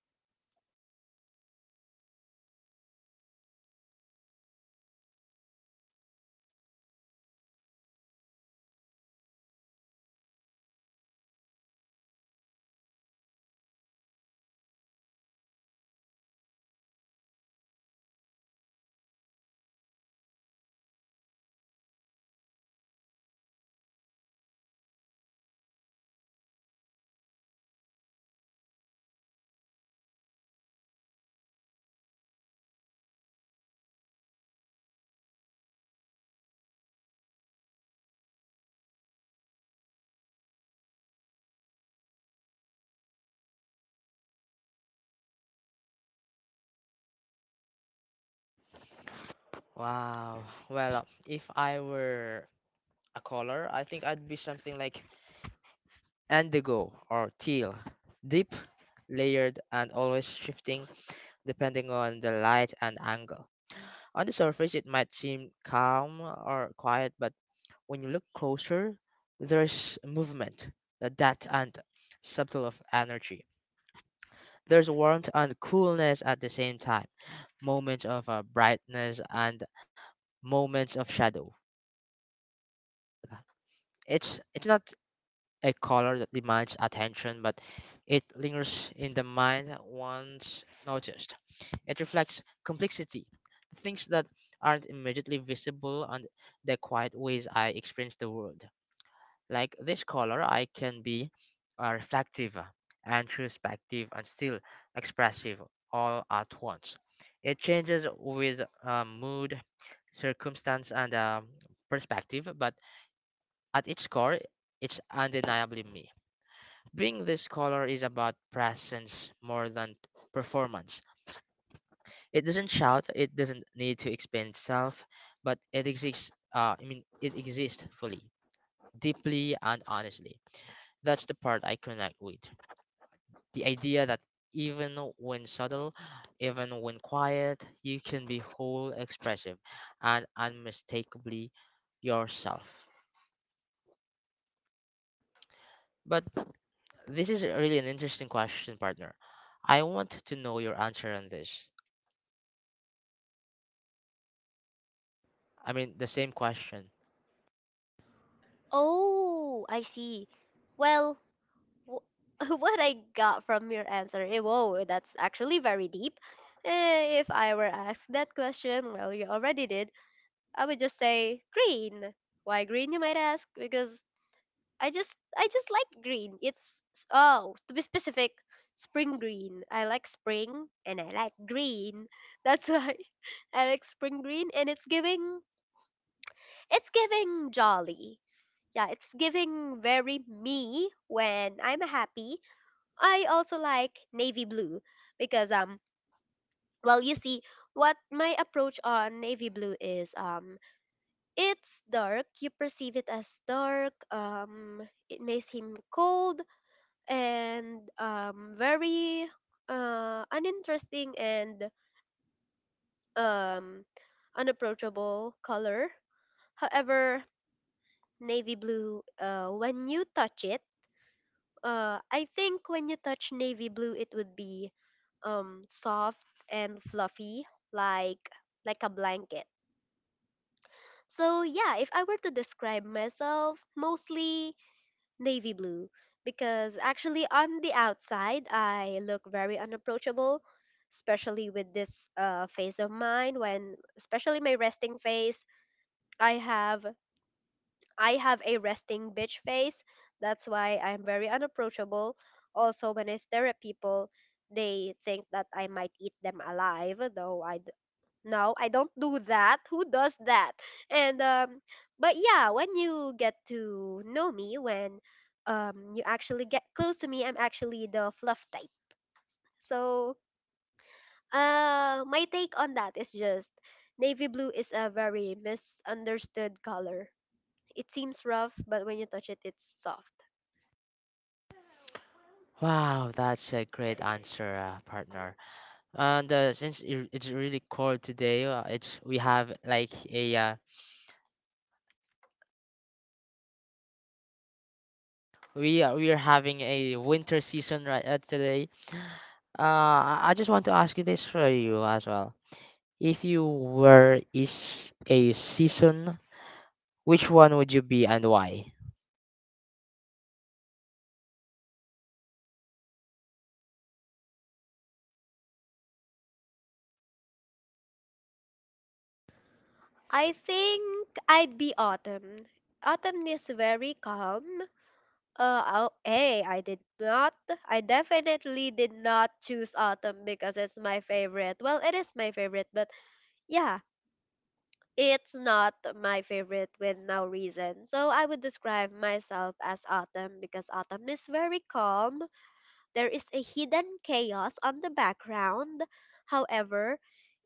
B: Wow. Well, if I were a color, I think I'd be something like Indigo or teal, deep, layered, and always shifting depending on the light and angle. On the surface, it might seem calm or quiet, but when you look closer, there's movement, the depth and subtle of energy. There's warmth and coolness at the same time, moments of brightness and moments of shadow. It's not a color that demands attention, but it lingers in the mind once noticed. It reflects complexity, things that aren't immediately visible, and the quiet ways I experience the world. Like this color, I can be reflective, introspective and still expressive all at once. It changes with mood, circumstance, and perspective, but at its core, it's undeniably me. Being the scholar is about presence more than performance. It doesn't shout, it doesn't need to explain itself, but it exists fully, deeply and honestly. That's the part I connect with. The idea that even when subtle, even when quiet, you can be whole, expressive, and unmistakably yourself. But this is really an interesting question, partner. I want to know your answer on this. I mean, the same question.
A: Oh, I see. Well, w- what I got from your answer, eh, whoa, that's actually very deep. Eh, if I were asked that question, well, you already did, I would just say green. Why green, you might ask? Because I just like green. Oh, to be specific, spring green. I like spring and I like green. That's why I like spring green and it's giving jolly. Yeah, it's giving very me when I'm happy. I also like navy blue because well, you see what my approach on navy blue is, it's dark, you perceive it as dark. It may seem cold and, very uninteresting and um, unapproachable color. However, navy blue, when you touch it, I think when you touch navy blue, it would be, soft and fluffy, like like a blanket. So yeah, if I were to describe myself, mostly navy blue, because actually on the outside I look very unapproachable, especially with this face of mine, when especially my resting face. I have I have a resting bitch face. That's why I'm very unapproachable. Also when I stare at people, they think that I might eat them alive, though no, I don't do that. Who does that? And but yeah, when you get to know me, when you actually get close to me, I'm actually the fluff type. So my take on that is just navy blue is a very misunderstood color. It seems rough, but when you touch it, it's soft.
B: Wow, that's a great answer, partner. And it's really cold today, it's we have like a we are having a winter season right today. I just want to ask you this for you as well. If you were is a season, which one would you be and why?
A: I think I'd be autumn. Autumn is very calm. Oh, hey, I did not. I definitely did not choose autumn because it's my favorite. Well, it is my favorite, but yeah, it's not my favorite with no reason. So I would describe myself as autumn because autumn is very calm. There is a hidden chaos on the background. However,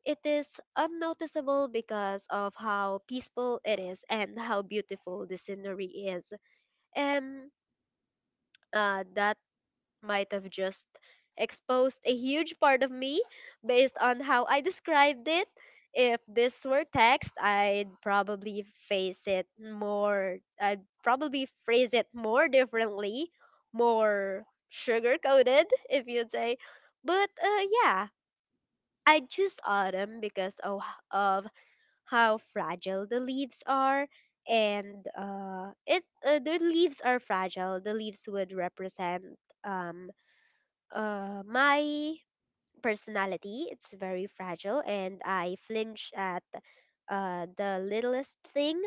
A: it is unnoticeable because of how peaceful it is and how beautiful the scenery is. And that might have just exposed a huge part of me based on how I described it. If this were text, I'd probably face it more, I'd probably phrase it more differently, more sugar coated, if you'd say. But yeah, I choose autumn because of how fragile the leaves are. And the leaves are fragile. The leaves would represent, um, my personality, it's very fragile and I flinch at the littlest thing.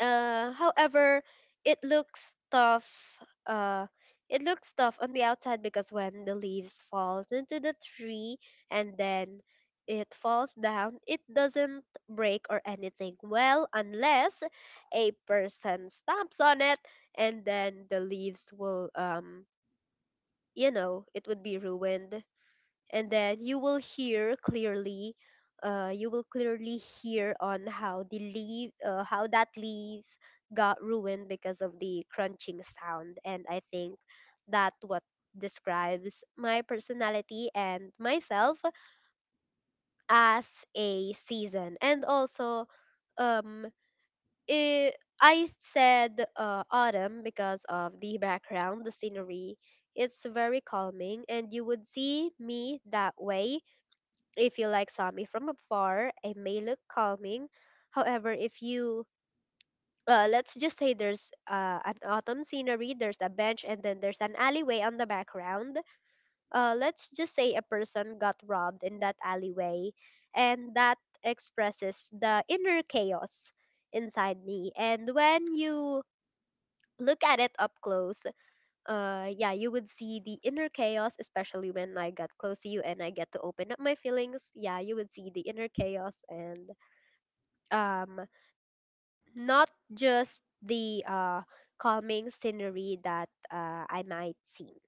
A: However, it looks tough. Uh, it looks tough on the outside because when the leaves falls into the tree and then it falls down, it doesn't break or anything. Well, unless a person stomps on it and then the leaves will, you know, it would be ruined, and then you will hear clearly, you will clearly hear on how the leaf how that leaves got ruined because of the crunching sound. And I think that what describes my personality and myself as a season. And also, um i I said autumn because of the background, the scenery. It's very calming and you would see me that way. If you like Sami from afar, it may look calming. However, if you, let's just say there's an autumn scenery, there's a bench, and then there's an alleyway on the background. Let's just say a person got robbed in that alleyway, and that expresses the inner chaos inside me. And when you look at it up close, yeah, you would see the inner chaos, especially when I got close to you and I get to open up my feelings. Yeah, you would see the inner chaos and um not just the calming scenery that I might seem.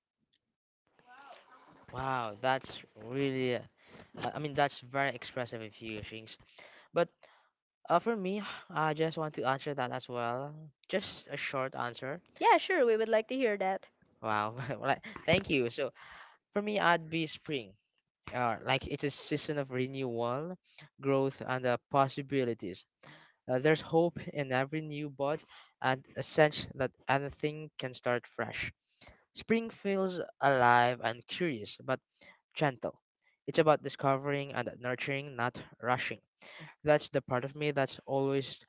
B: Wow, that's really. I mean, that's very expressive of you, Shings. But for me, I just want to answer that as well. Just a short answer.
A: Yeah, sure, we would like to hear that.
B: Wow. Thank you. So for me, I'd be spring. Like it's a season of renewal, growth, and possibilities. There's hope in every new bud, and a sense that anything can start fresh. Spring feels alive and curious, but gentle. It's about discovering and nurturing, not rushing. That's the part of me that's always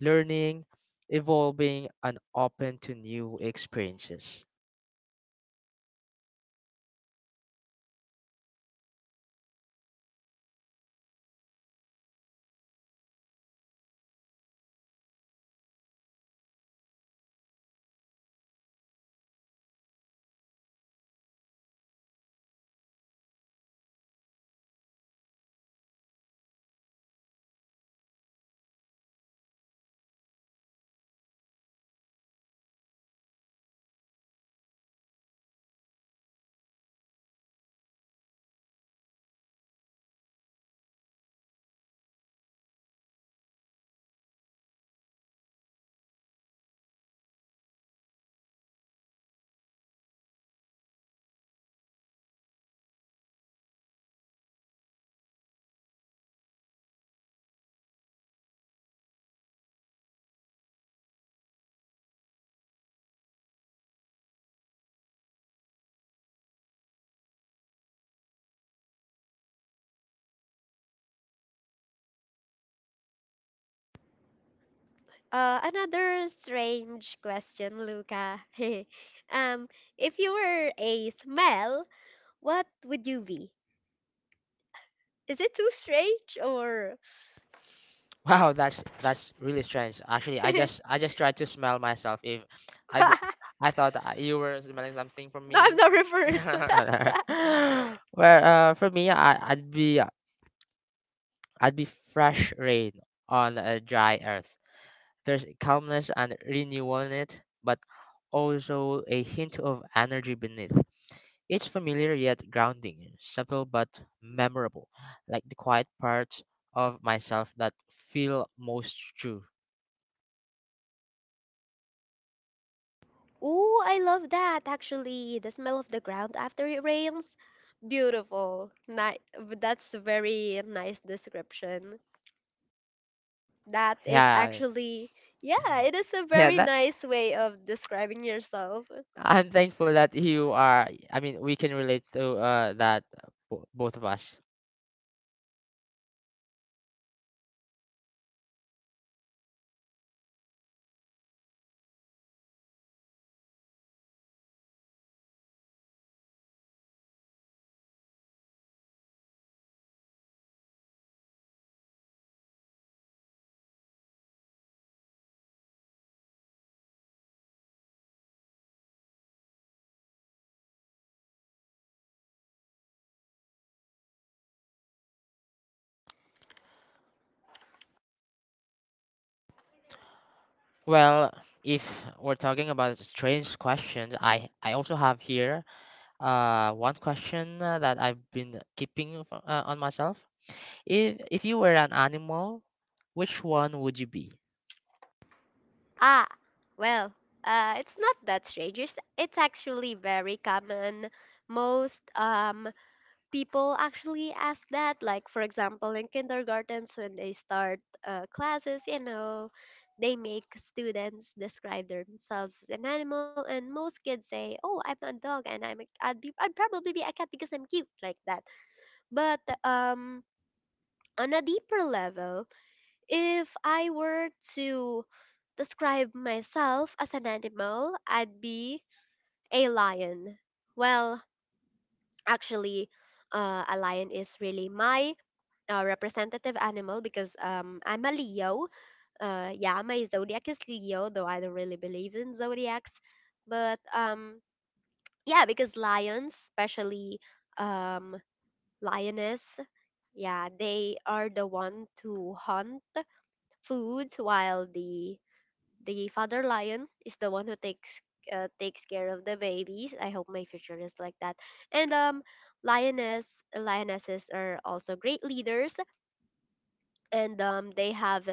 B: learning, evolving, and open to new experiences.
A: Another strange question, Luca. um if you were a smell, what would you be? Is it too strange, or
B: Wow, that's really strange. Actually, I just tried to smell myself. If I b- I thought that you were smelling something from
A: no,
B: me.
A: I'm not referring to
B: Well,
A: that.
B: for me, I'd be fresh rain on a dry earth. There's calmness and renewal in it, but also a hint of energy beneath. It's familiar yet grounding, subtle but memorable, like the quiet parts of myself that feel most true.
A: Ooh, I love that actually. The smell of the ground after it rains. Beautiful. That's a very nice description. That is
B: Yeah,
A: actually, yeah, it is a
B: yeah.
A: very
B: That
A: nice way of describing yourself.
B: I'm thankful that you are. I mean, we can relate to that, both of us. Well, if we're talking about strange questions, I also have here one question that I've been keeping on myself. If you were an animal, which one would you be?
A: Ah, well, it's not that strange. It's actually very common. Most people actually ask that, like for example in kindergartens when they start classes, you know, they make students describe themselves as an animal. And most kids say, oh, I'm a dog, and I'd probably be a cat because I'm cute like that. But on a deeper level, if I were to describe myself as an animal, I'd be a lion. Well, actually, a lion is really my representative animal, because I'm a Leo. Yeah, my zodiac is Leo, though I don't really believe in zodiacs. But yeah, because lions, especially, um, lioness, yeah, they are the one to hunt food, while the father lion is the one who takes takes care of the babies. I hope my future is like that. And lionesses are also great leaders and, they have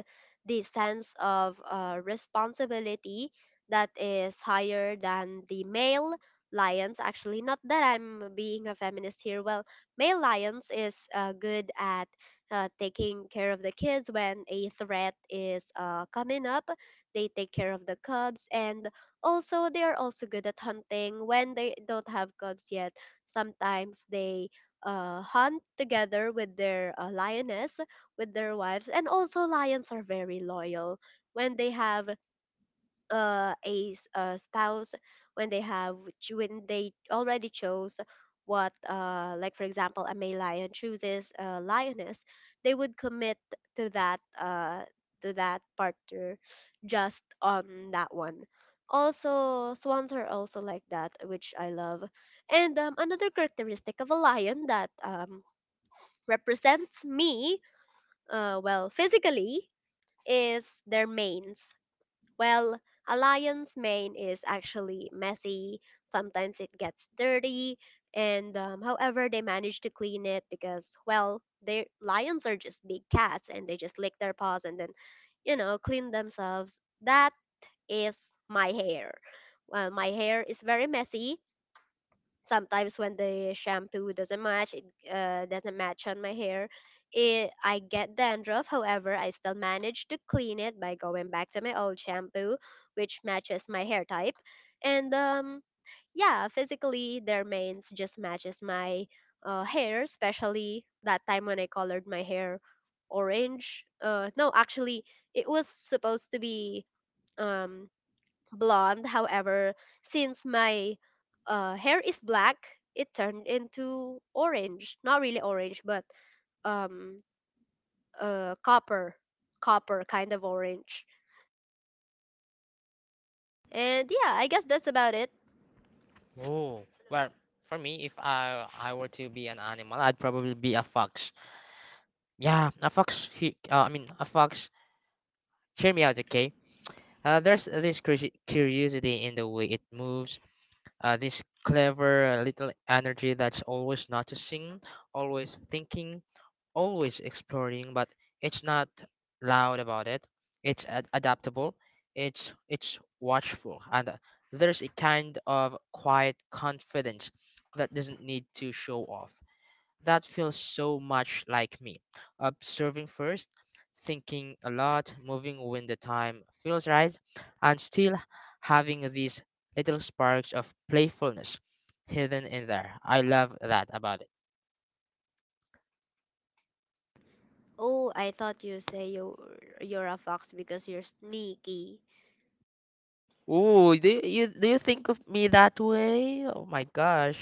A: this sense of responsibility that is higher than the male lions. Actually, not that I'm being a feminist here. Well, male lions is good at taking care of the kids. When a threat is coming up, they take care of the cubs. And also they are also good at hunting when they don't have cubs yet. Sometimes they hunt together with their lioness, with their wives. And also, lions are very loyal when they have a spouse, when they have when they already chose what, like for example, a male lion chooses a lioness, they would commit to that uh, to that partner, just on that one. Also, swans are also like that, which I love. And another characteristic of a lion that, represents me, well, physically, is their manes. Well, a lion's mane is actually messy. Sometimes it gets dirty, and, however, they manage to clean it because, well, they lions are just big cats and they just lick their paws and then, you know, clean themselves. That is my hair. My hair is very messy. Sometimes when the shampoo doesn't match it, doesn't match on my hair, I get dandruff. However, I still manage to clean it by going back to my old shampoo, which matches my hair type. And yeah, physically, their mains just matches my hair, especially that time when I colored my hair orange. No, actually it was supposed to be um blonde. However, since my hair is black, it turned into orange. Not really orange, but, um, copper, copper kind of orange. And yeah, I guess that's about it.
B: Oh, well, for me, if I were to be an animal, I'd probably be a fox. Yeah, a fox. A fox. Hear me out, okay? There's this curiosity in the way it moves. This clever little energy that's always noticing, always thinking, always exploring, but it's not loud about it. Adaptable. It's watchful, and there's a kind of quiet confidence that doesn't need to show off. That feels so much like me. Observing first, thinking a lot, moving when the time feels right, and still having these little sparks of playfulness hidden in there. I love that about it.
A: Oh, I thought you say you're a fox because you're sneaky.
B: Ooh, do you think of me that way? Oh my gosh.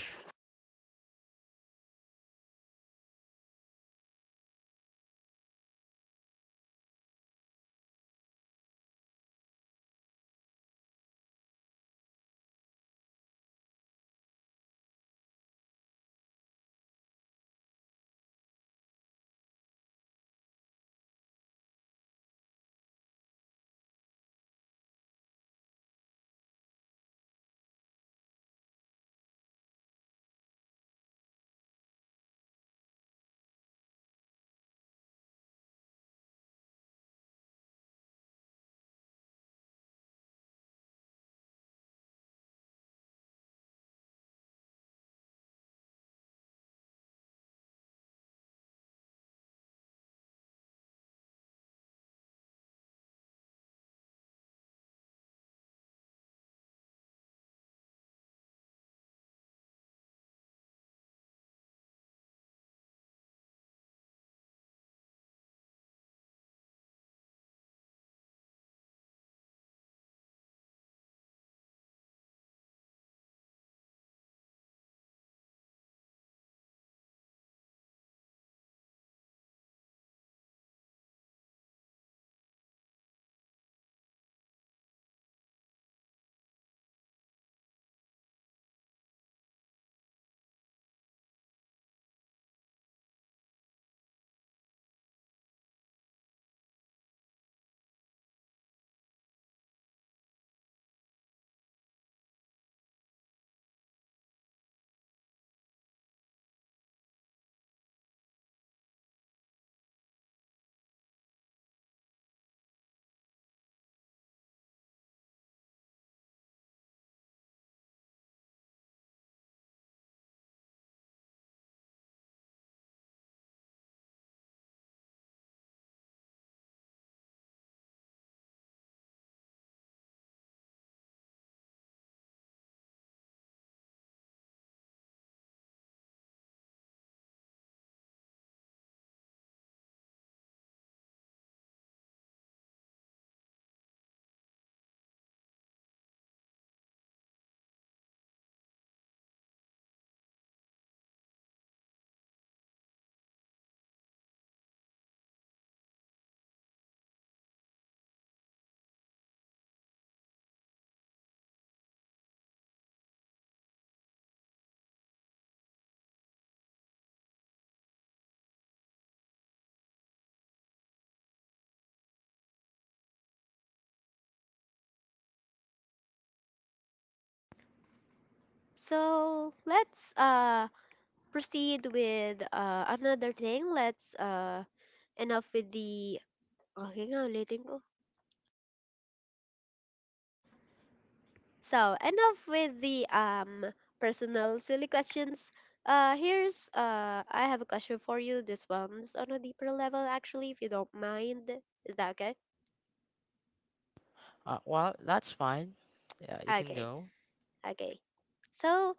A: So let's proceed with another thing. Let's enough with the okay nga ulitin ko. So enough with the personal silly questions. Here's I have a question for you. This one's on a deeper level, actually, if you don't mind. Is that okay?
B: Well, that's fine. Yeah, you can
A: Okay,
B: go.
A: okay. So,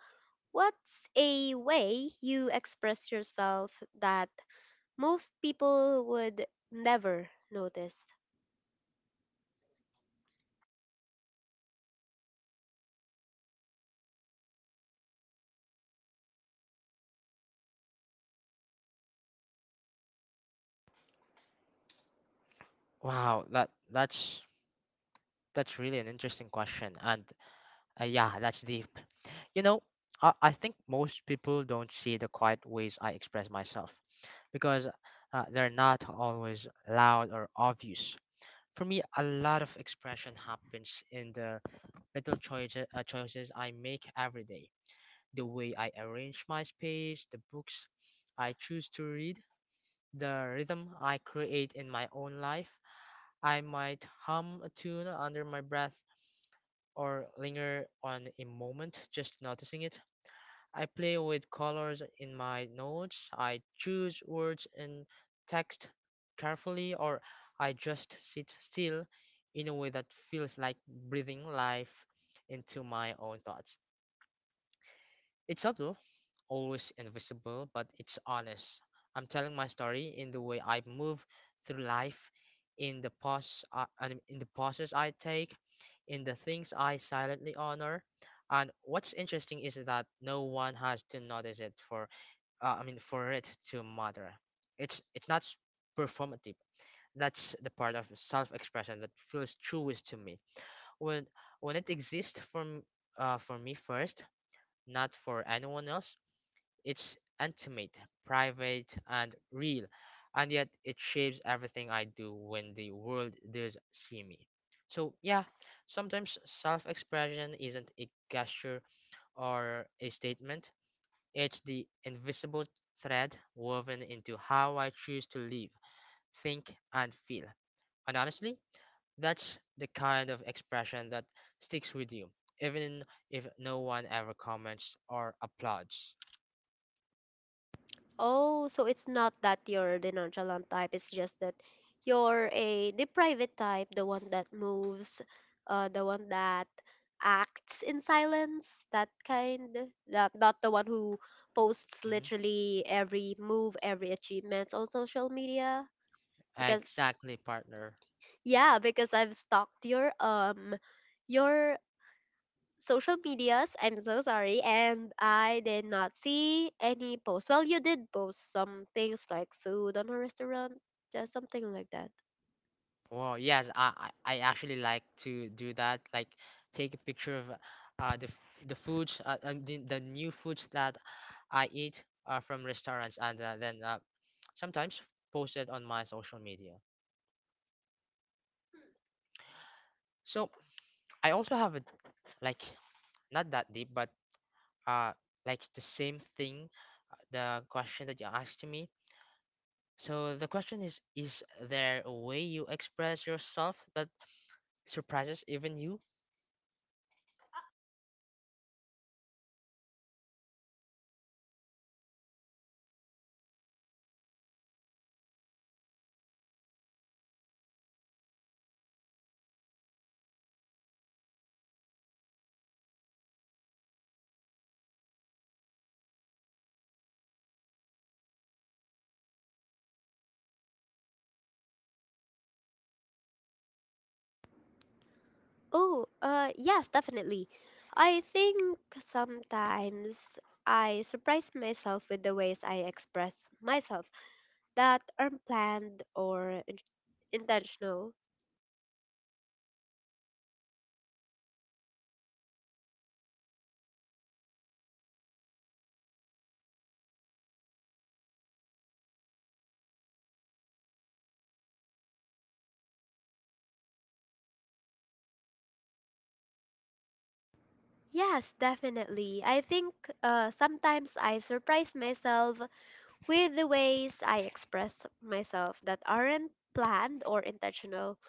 A: what's a way you express yourself that most people would never notice?
B: Wow, that's really an interesting question, and yeah, that's deep. You know, I think most people don't see the quiet ways I express myself, because they're not always loud or obvious. For me, a lot of expression happens in the little choices choices I make every day, the way I arrange my space, the books I choose to read, the rhythm I create in my own life. I might hum a tune under my breath or linger on a moment just noticing it. I play with colors in my notes. I choose words and text carefully, or I just sit still in a way that feels like breathing life into my own thoughts. It's subtle, always invisible, but it's honest. I'm telling my story in the way I move through life, in the pause, I, and in the pauses I take, in the things I silently honor. And what's interesting is that no one has to notice it for it to matter. It's not performative. That's the part of self-expression that feels truest to me. When when it exists for m- for me first, not for anyone else, it's intimate, private, and real, and yet it shapes everything I do when the world does see me. So, yeah, sometimes self expression isn't a gesture or a statement, it's the invisible thread woven into how I choose to live, think, and feel. And honestly, that's the kind of expression that sticks with you, even if no one ever comments or applauds.
A: Oh, so it's not that you're the nonchalant type, it's just that you're a the private type, the one that moves, the one that acts in silence, that kind. That not the one who posts
B: Hmm.
A: literally every move, every achievements on social media. Because
B: Exactly, partner.
A: yeah, because I've stalked your social medias. I'm so sorry. And I did not see any posts. Well, you did post some things like food on a restaurant, just something like that.
B: Well, yes, I actually like to do that. Like, take a picture of the f- the foods, the new foods that I eat from restaurants, and then sometimes post it on my social media. So I also have a, like, not that deep, but uh like the same thing. The question that you asked to me. So the question is: is there a way you express yourself that surprises even you?
A: Oh, yes, definitely. I think sometimes I surprise myself with the ways I express myself that aren't planned or intentional. Yes, definitely. I think sometimes I surprise myself with the ways I express myself that aren't planned or intentional.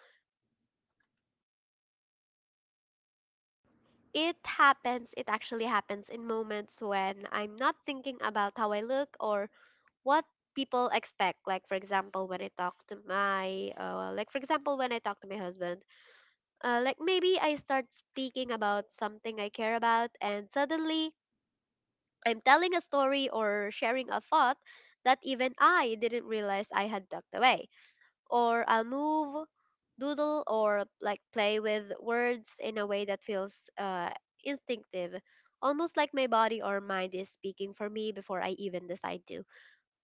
A: It happens, it actually happens in moments when I'm not thinking about how I look or what people expect, like for example when I talk to my like for example when I talk to my husband. Like maybe I start speaking about something I care about, and suddenly I'm telling a story or sharing a thought that even I didn't realize I had tucked away. Or I'll move, doodle, or like play with words in a way that feels instinctive, almost like my body or mind is speaking for me before I even decide to.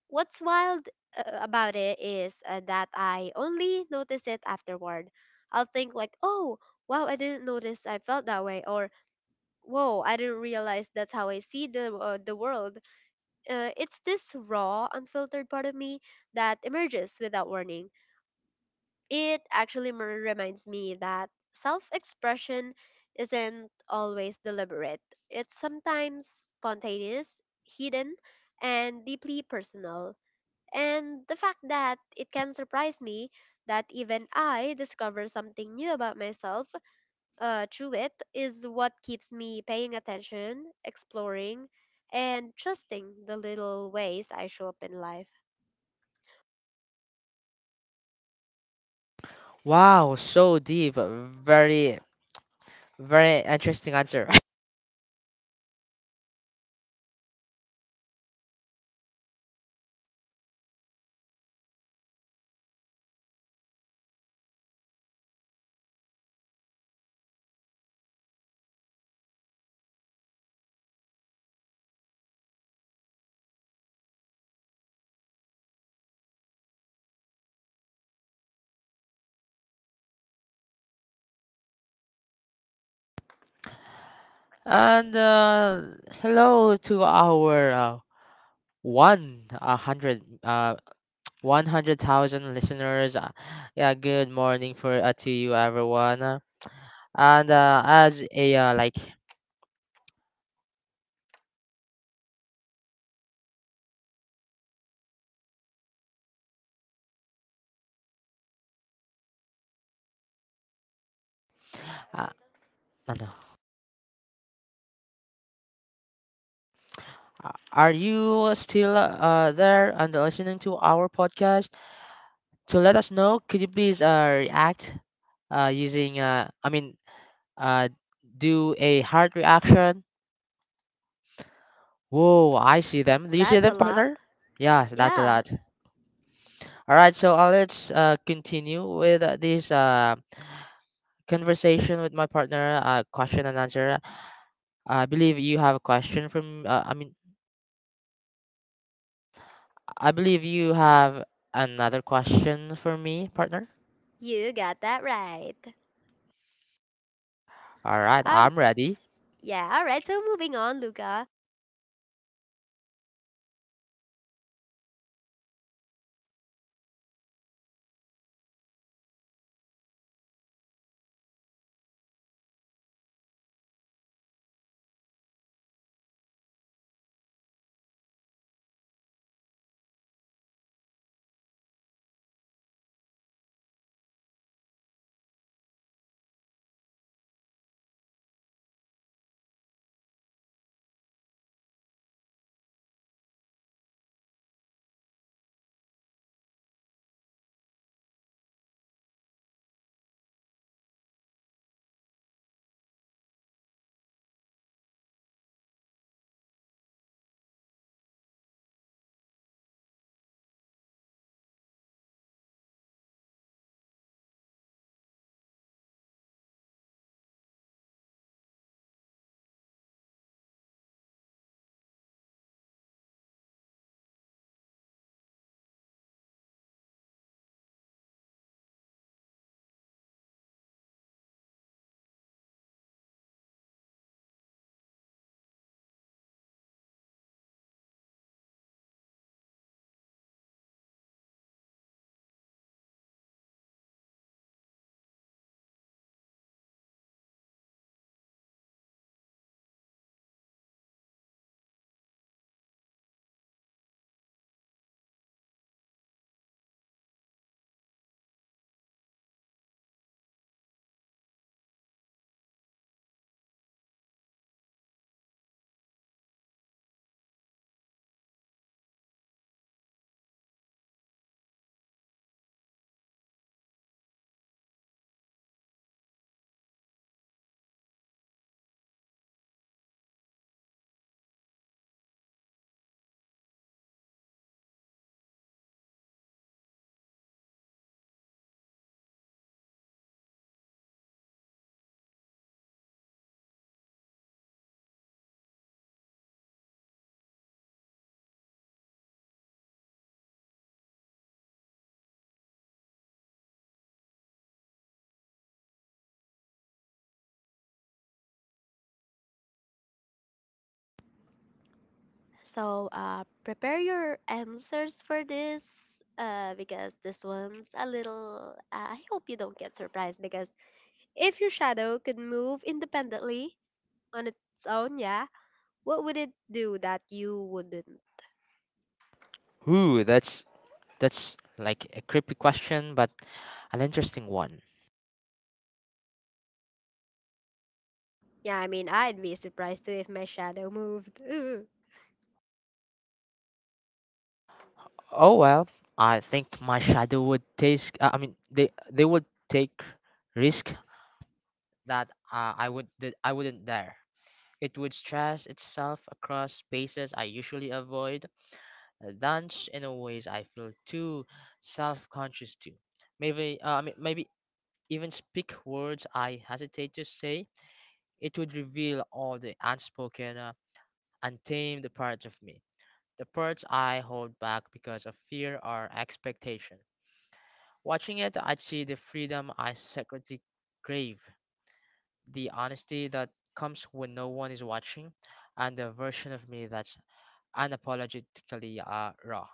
A: What's wild about it is that I only notice it afterward. I'll think like, oh, wow, I didn't notice I felt that way, or whoa, I didn't realize that's how I see the world. It's this raw, unfiltered part of me that emerges without warning. It actually reminds me that self expression isn't always deliberate, it's sometimes spontaneous, hidden, and deeply personal. And the fact that it can surprise me, that even I discover something new about myself through it, is what keeps me paying attention, exploring, and trusting the little ways I show up in life.
B: Wow, so deep. Very interesting answer. And hello to our one a hundred uh 100,000 listeners. Yeah, good morning for to you everyone. And as a like, uh, ano, are you still there and listening to our podcast? To let us know, could you please react using I mean uh do a heart reaction. Whoa, I see them. Do you see
A: That's
B: them,
A: a lot.
B: partner? Yeah, that's a
A: Yeah,
B: lot. All right, so let's continue with this conversation with my partner. Question and answer. I believe you have a question from. I mean, I believe you have another question for me, partner.
A: you got that right.
B: All right,
A: All
B: I'm ready.
A: yeah, all right. So moving on, Luca. So prepare your answers for this because this one's a little. I hope you don't get surprised, because if your shadow could move independently on its own, yeah, what would it do that you wouldn't?
B: Ooh, that's like a creepy question, but an interesting one.
A: Yeah, I mean, I'd be surprised too if my shadow moved.
B: Oh well, I think my shadow would take. I mean, they would take risk that I wouldn't dare. It would stress itself across spaces I usually avoid, dance in a ways I feel too self-conscious to. Maybe even speak words I hesitate to say. It would reveal all the unspoken, untamed parts of me, the parts I hold back because of fear or expectation. Watching it, I'd see the freedom I secretly crave, the honesty that comes when no one is watching, and the version of me that's unapologetically raw.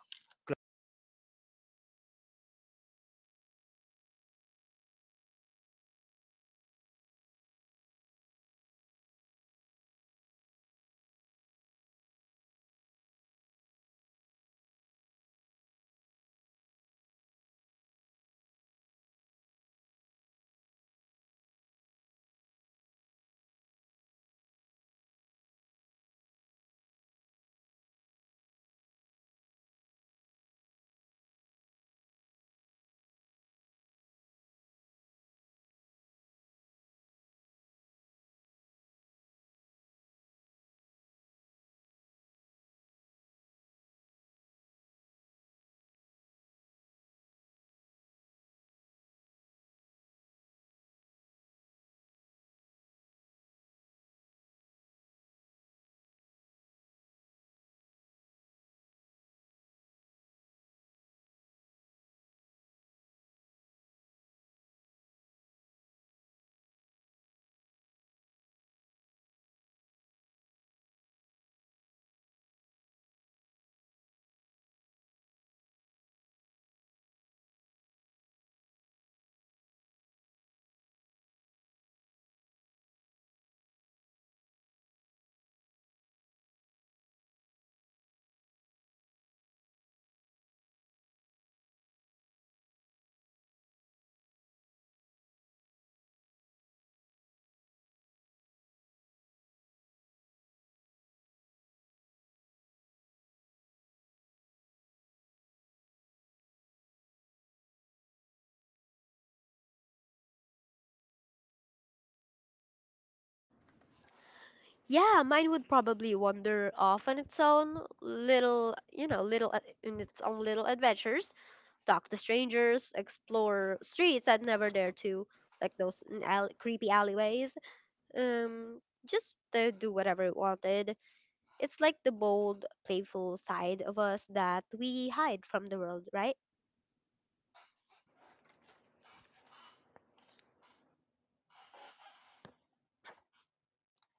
A: Yeah, mine would probably wander off on its own little, you know, little in its own little adventures, talk to strangers, explore streets I'd never dare to, like those creepy alleyways. Um, just to do whatever we wanted. It's like the bold, playful side of us that we hide from the world, right?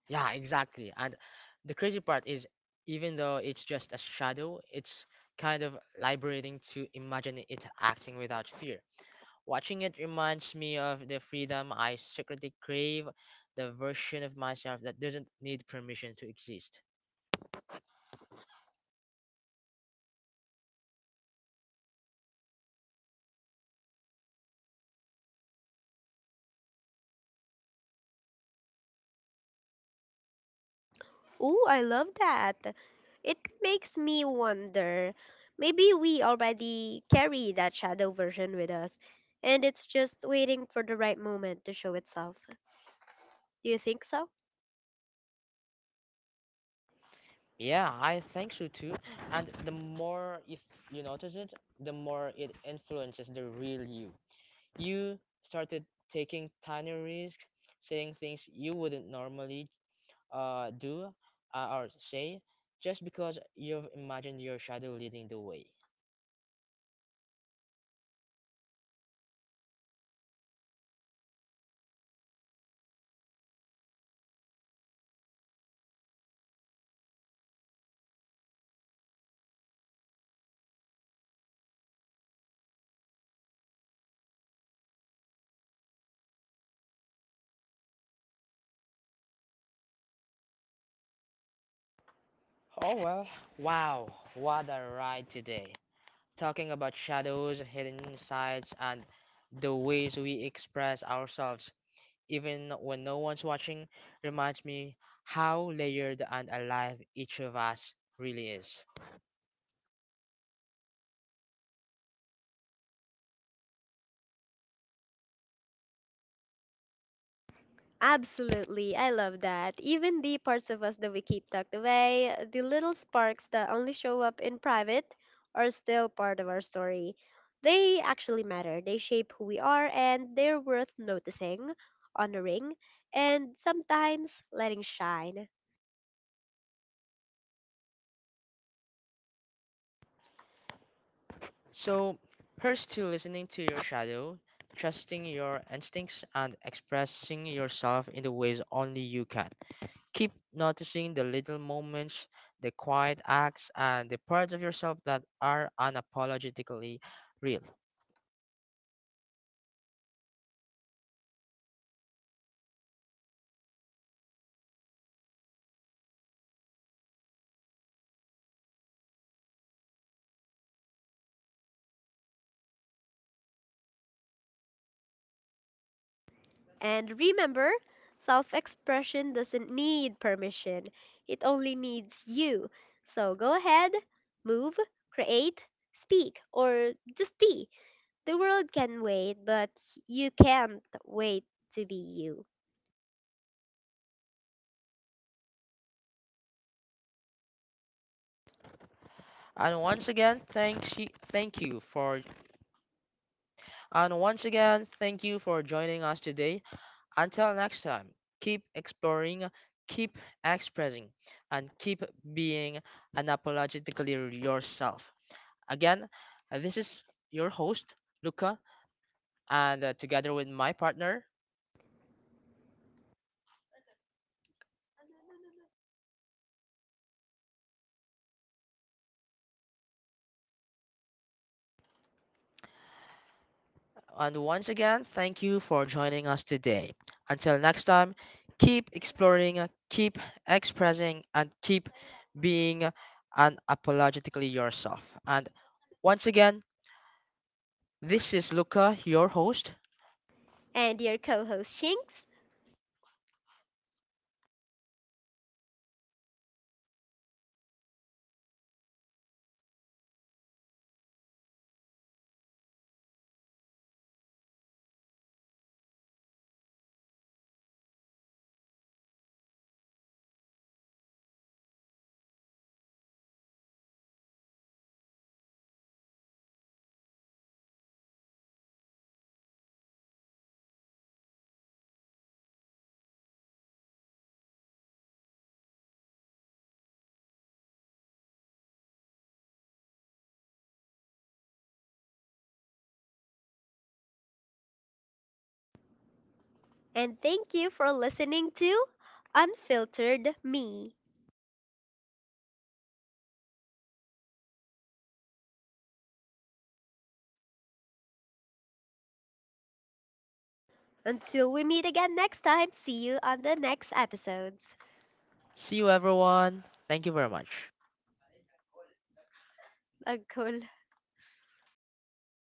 B: Yeah, exactly. And the crazy part is, even though it's just a shadow, it's kind of liberating to imagine it acting without fear. Watching it reminds me of the freedom I secretly crave, the version of myself that doesn't need permission to exist.
A: Ooh, I love that. It makes me wonder. Maybe we already carry that shadow version with us, and it's just waiting for the right moment to show itself. Do you think so?
B: Yeah, I think so too. And the more if you notice it, the more it influences the real you. You started taking tiny risks, saying things you wouldn't normally do or say, just because you've imagined your shadow leading the way. Oh well, wow, what a ride today. Talking about shadows, hidden sides, and the ways we express ourselves, even when no one's watching, reminds me how layered and alive each of us really is.
A: Absolutely, I love that. Even the parts of us that we keep tucked away, the little sparks that only show up in private, are still part of our story. They actually matter. They shape who we are and they're worth noticing, honoring, and sometimes letting shine.
B: So, here's to listening to your shadow, trusting your instincts, and expressing yourself in the ways only you can. Keep noticing the little moments, the quiet acts, and the parts of yourself that are unapologetically real.
A: And remember, self expression doesn't need permission, it only needs you. So go ahead, move, create, speak, or just be. The world can wait, but you can't wait to be you.
B: And once again, thanks you, thank you for and once again, thank you for joining us today. Until next time, keep exploring, keep expressing, and keep being unapologetically yourself. Again, this is your host, Luca, and together with my partner. And once again, thank you for joining us today. Until next time, keep exploring, keep expressing, and keep being unapologetically yourself. And once again, this is Luca, your host.
A: And your co host, Shinx. And thank you for listening to Unfiltered Me. Until we meet again next time, see you on the next episodes.
B: See you, everyone. Thank you very much.
A: Ang cool. Stop.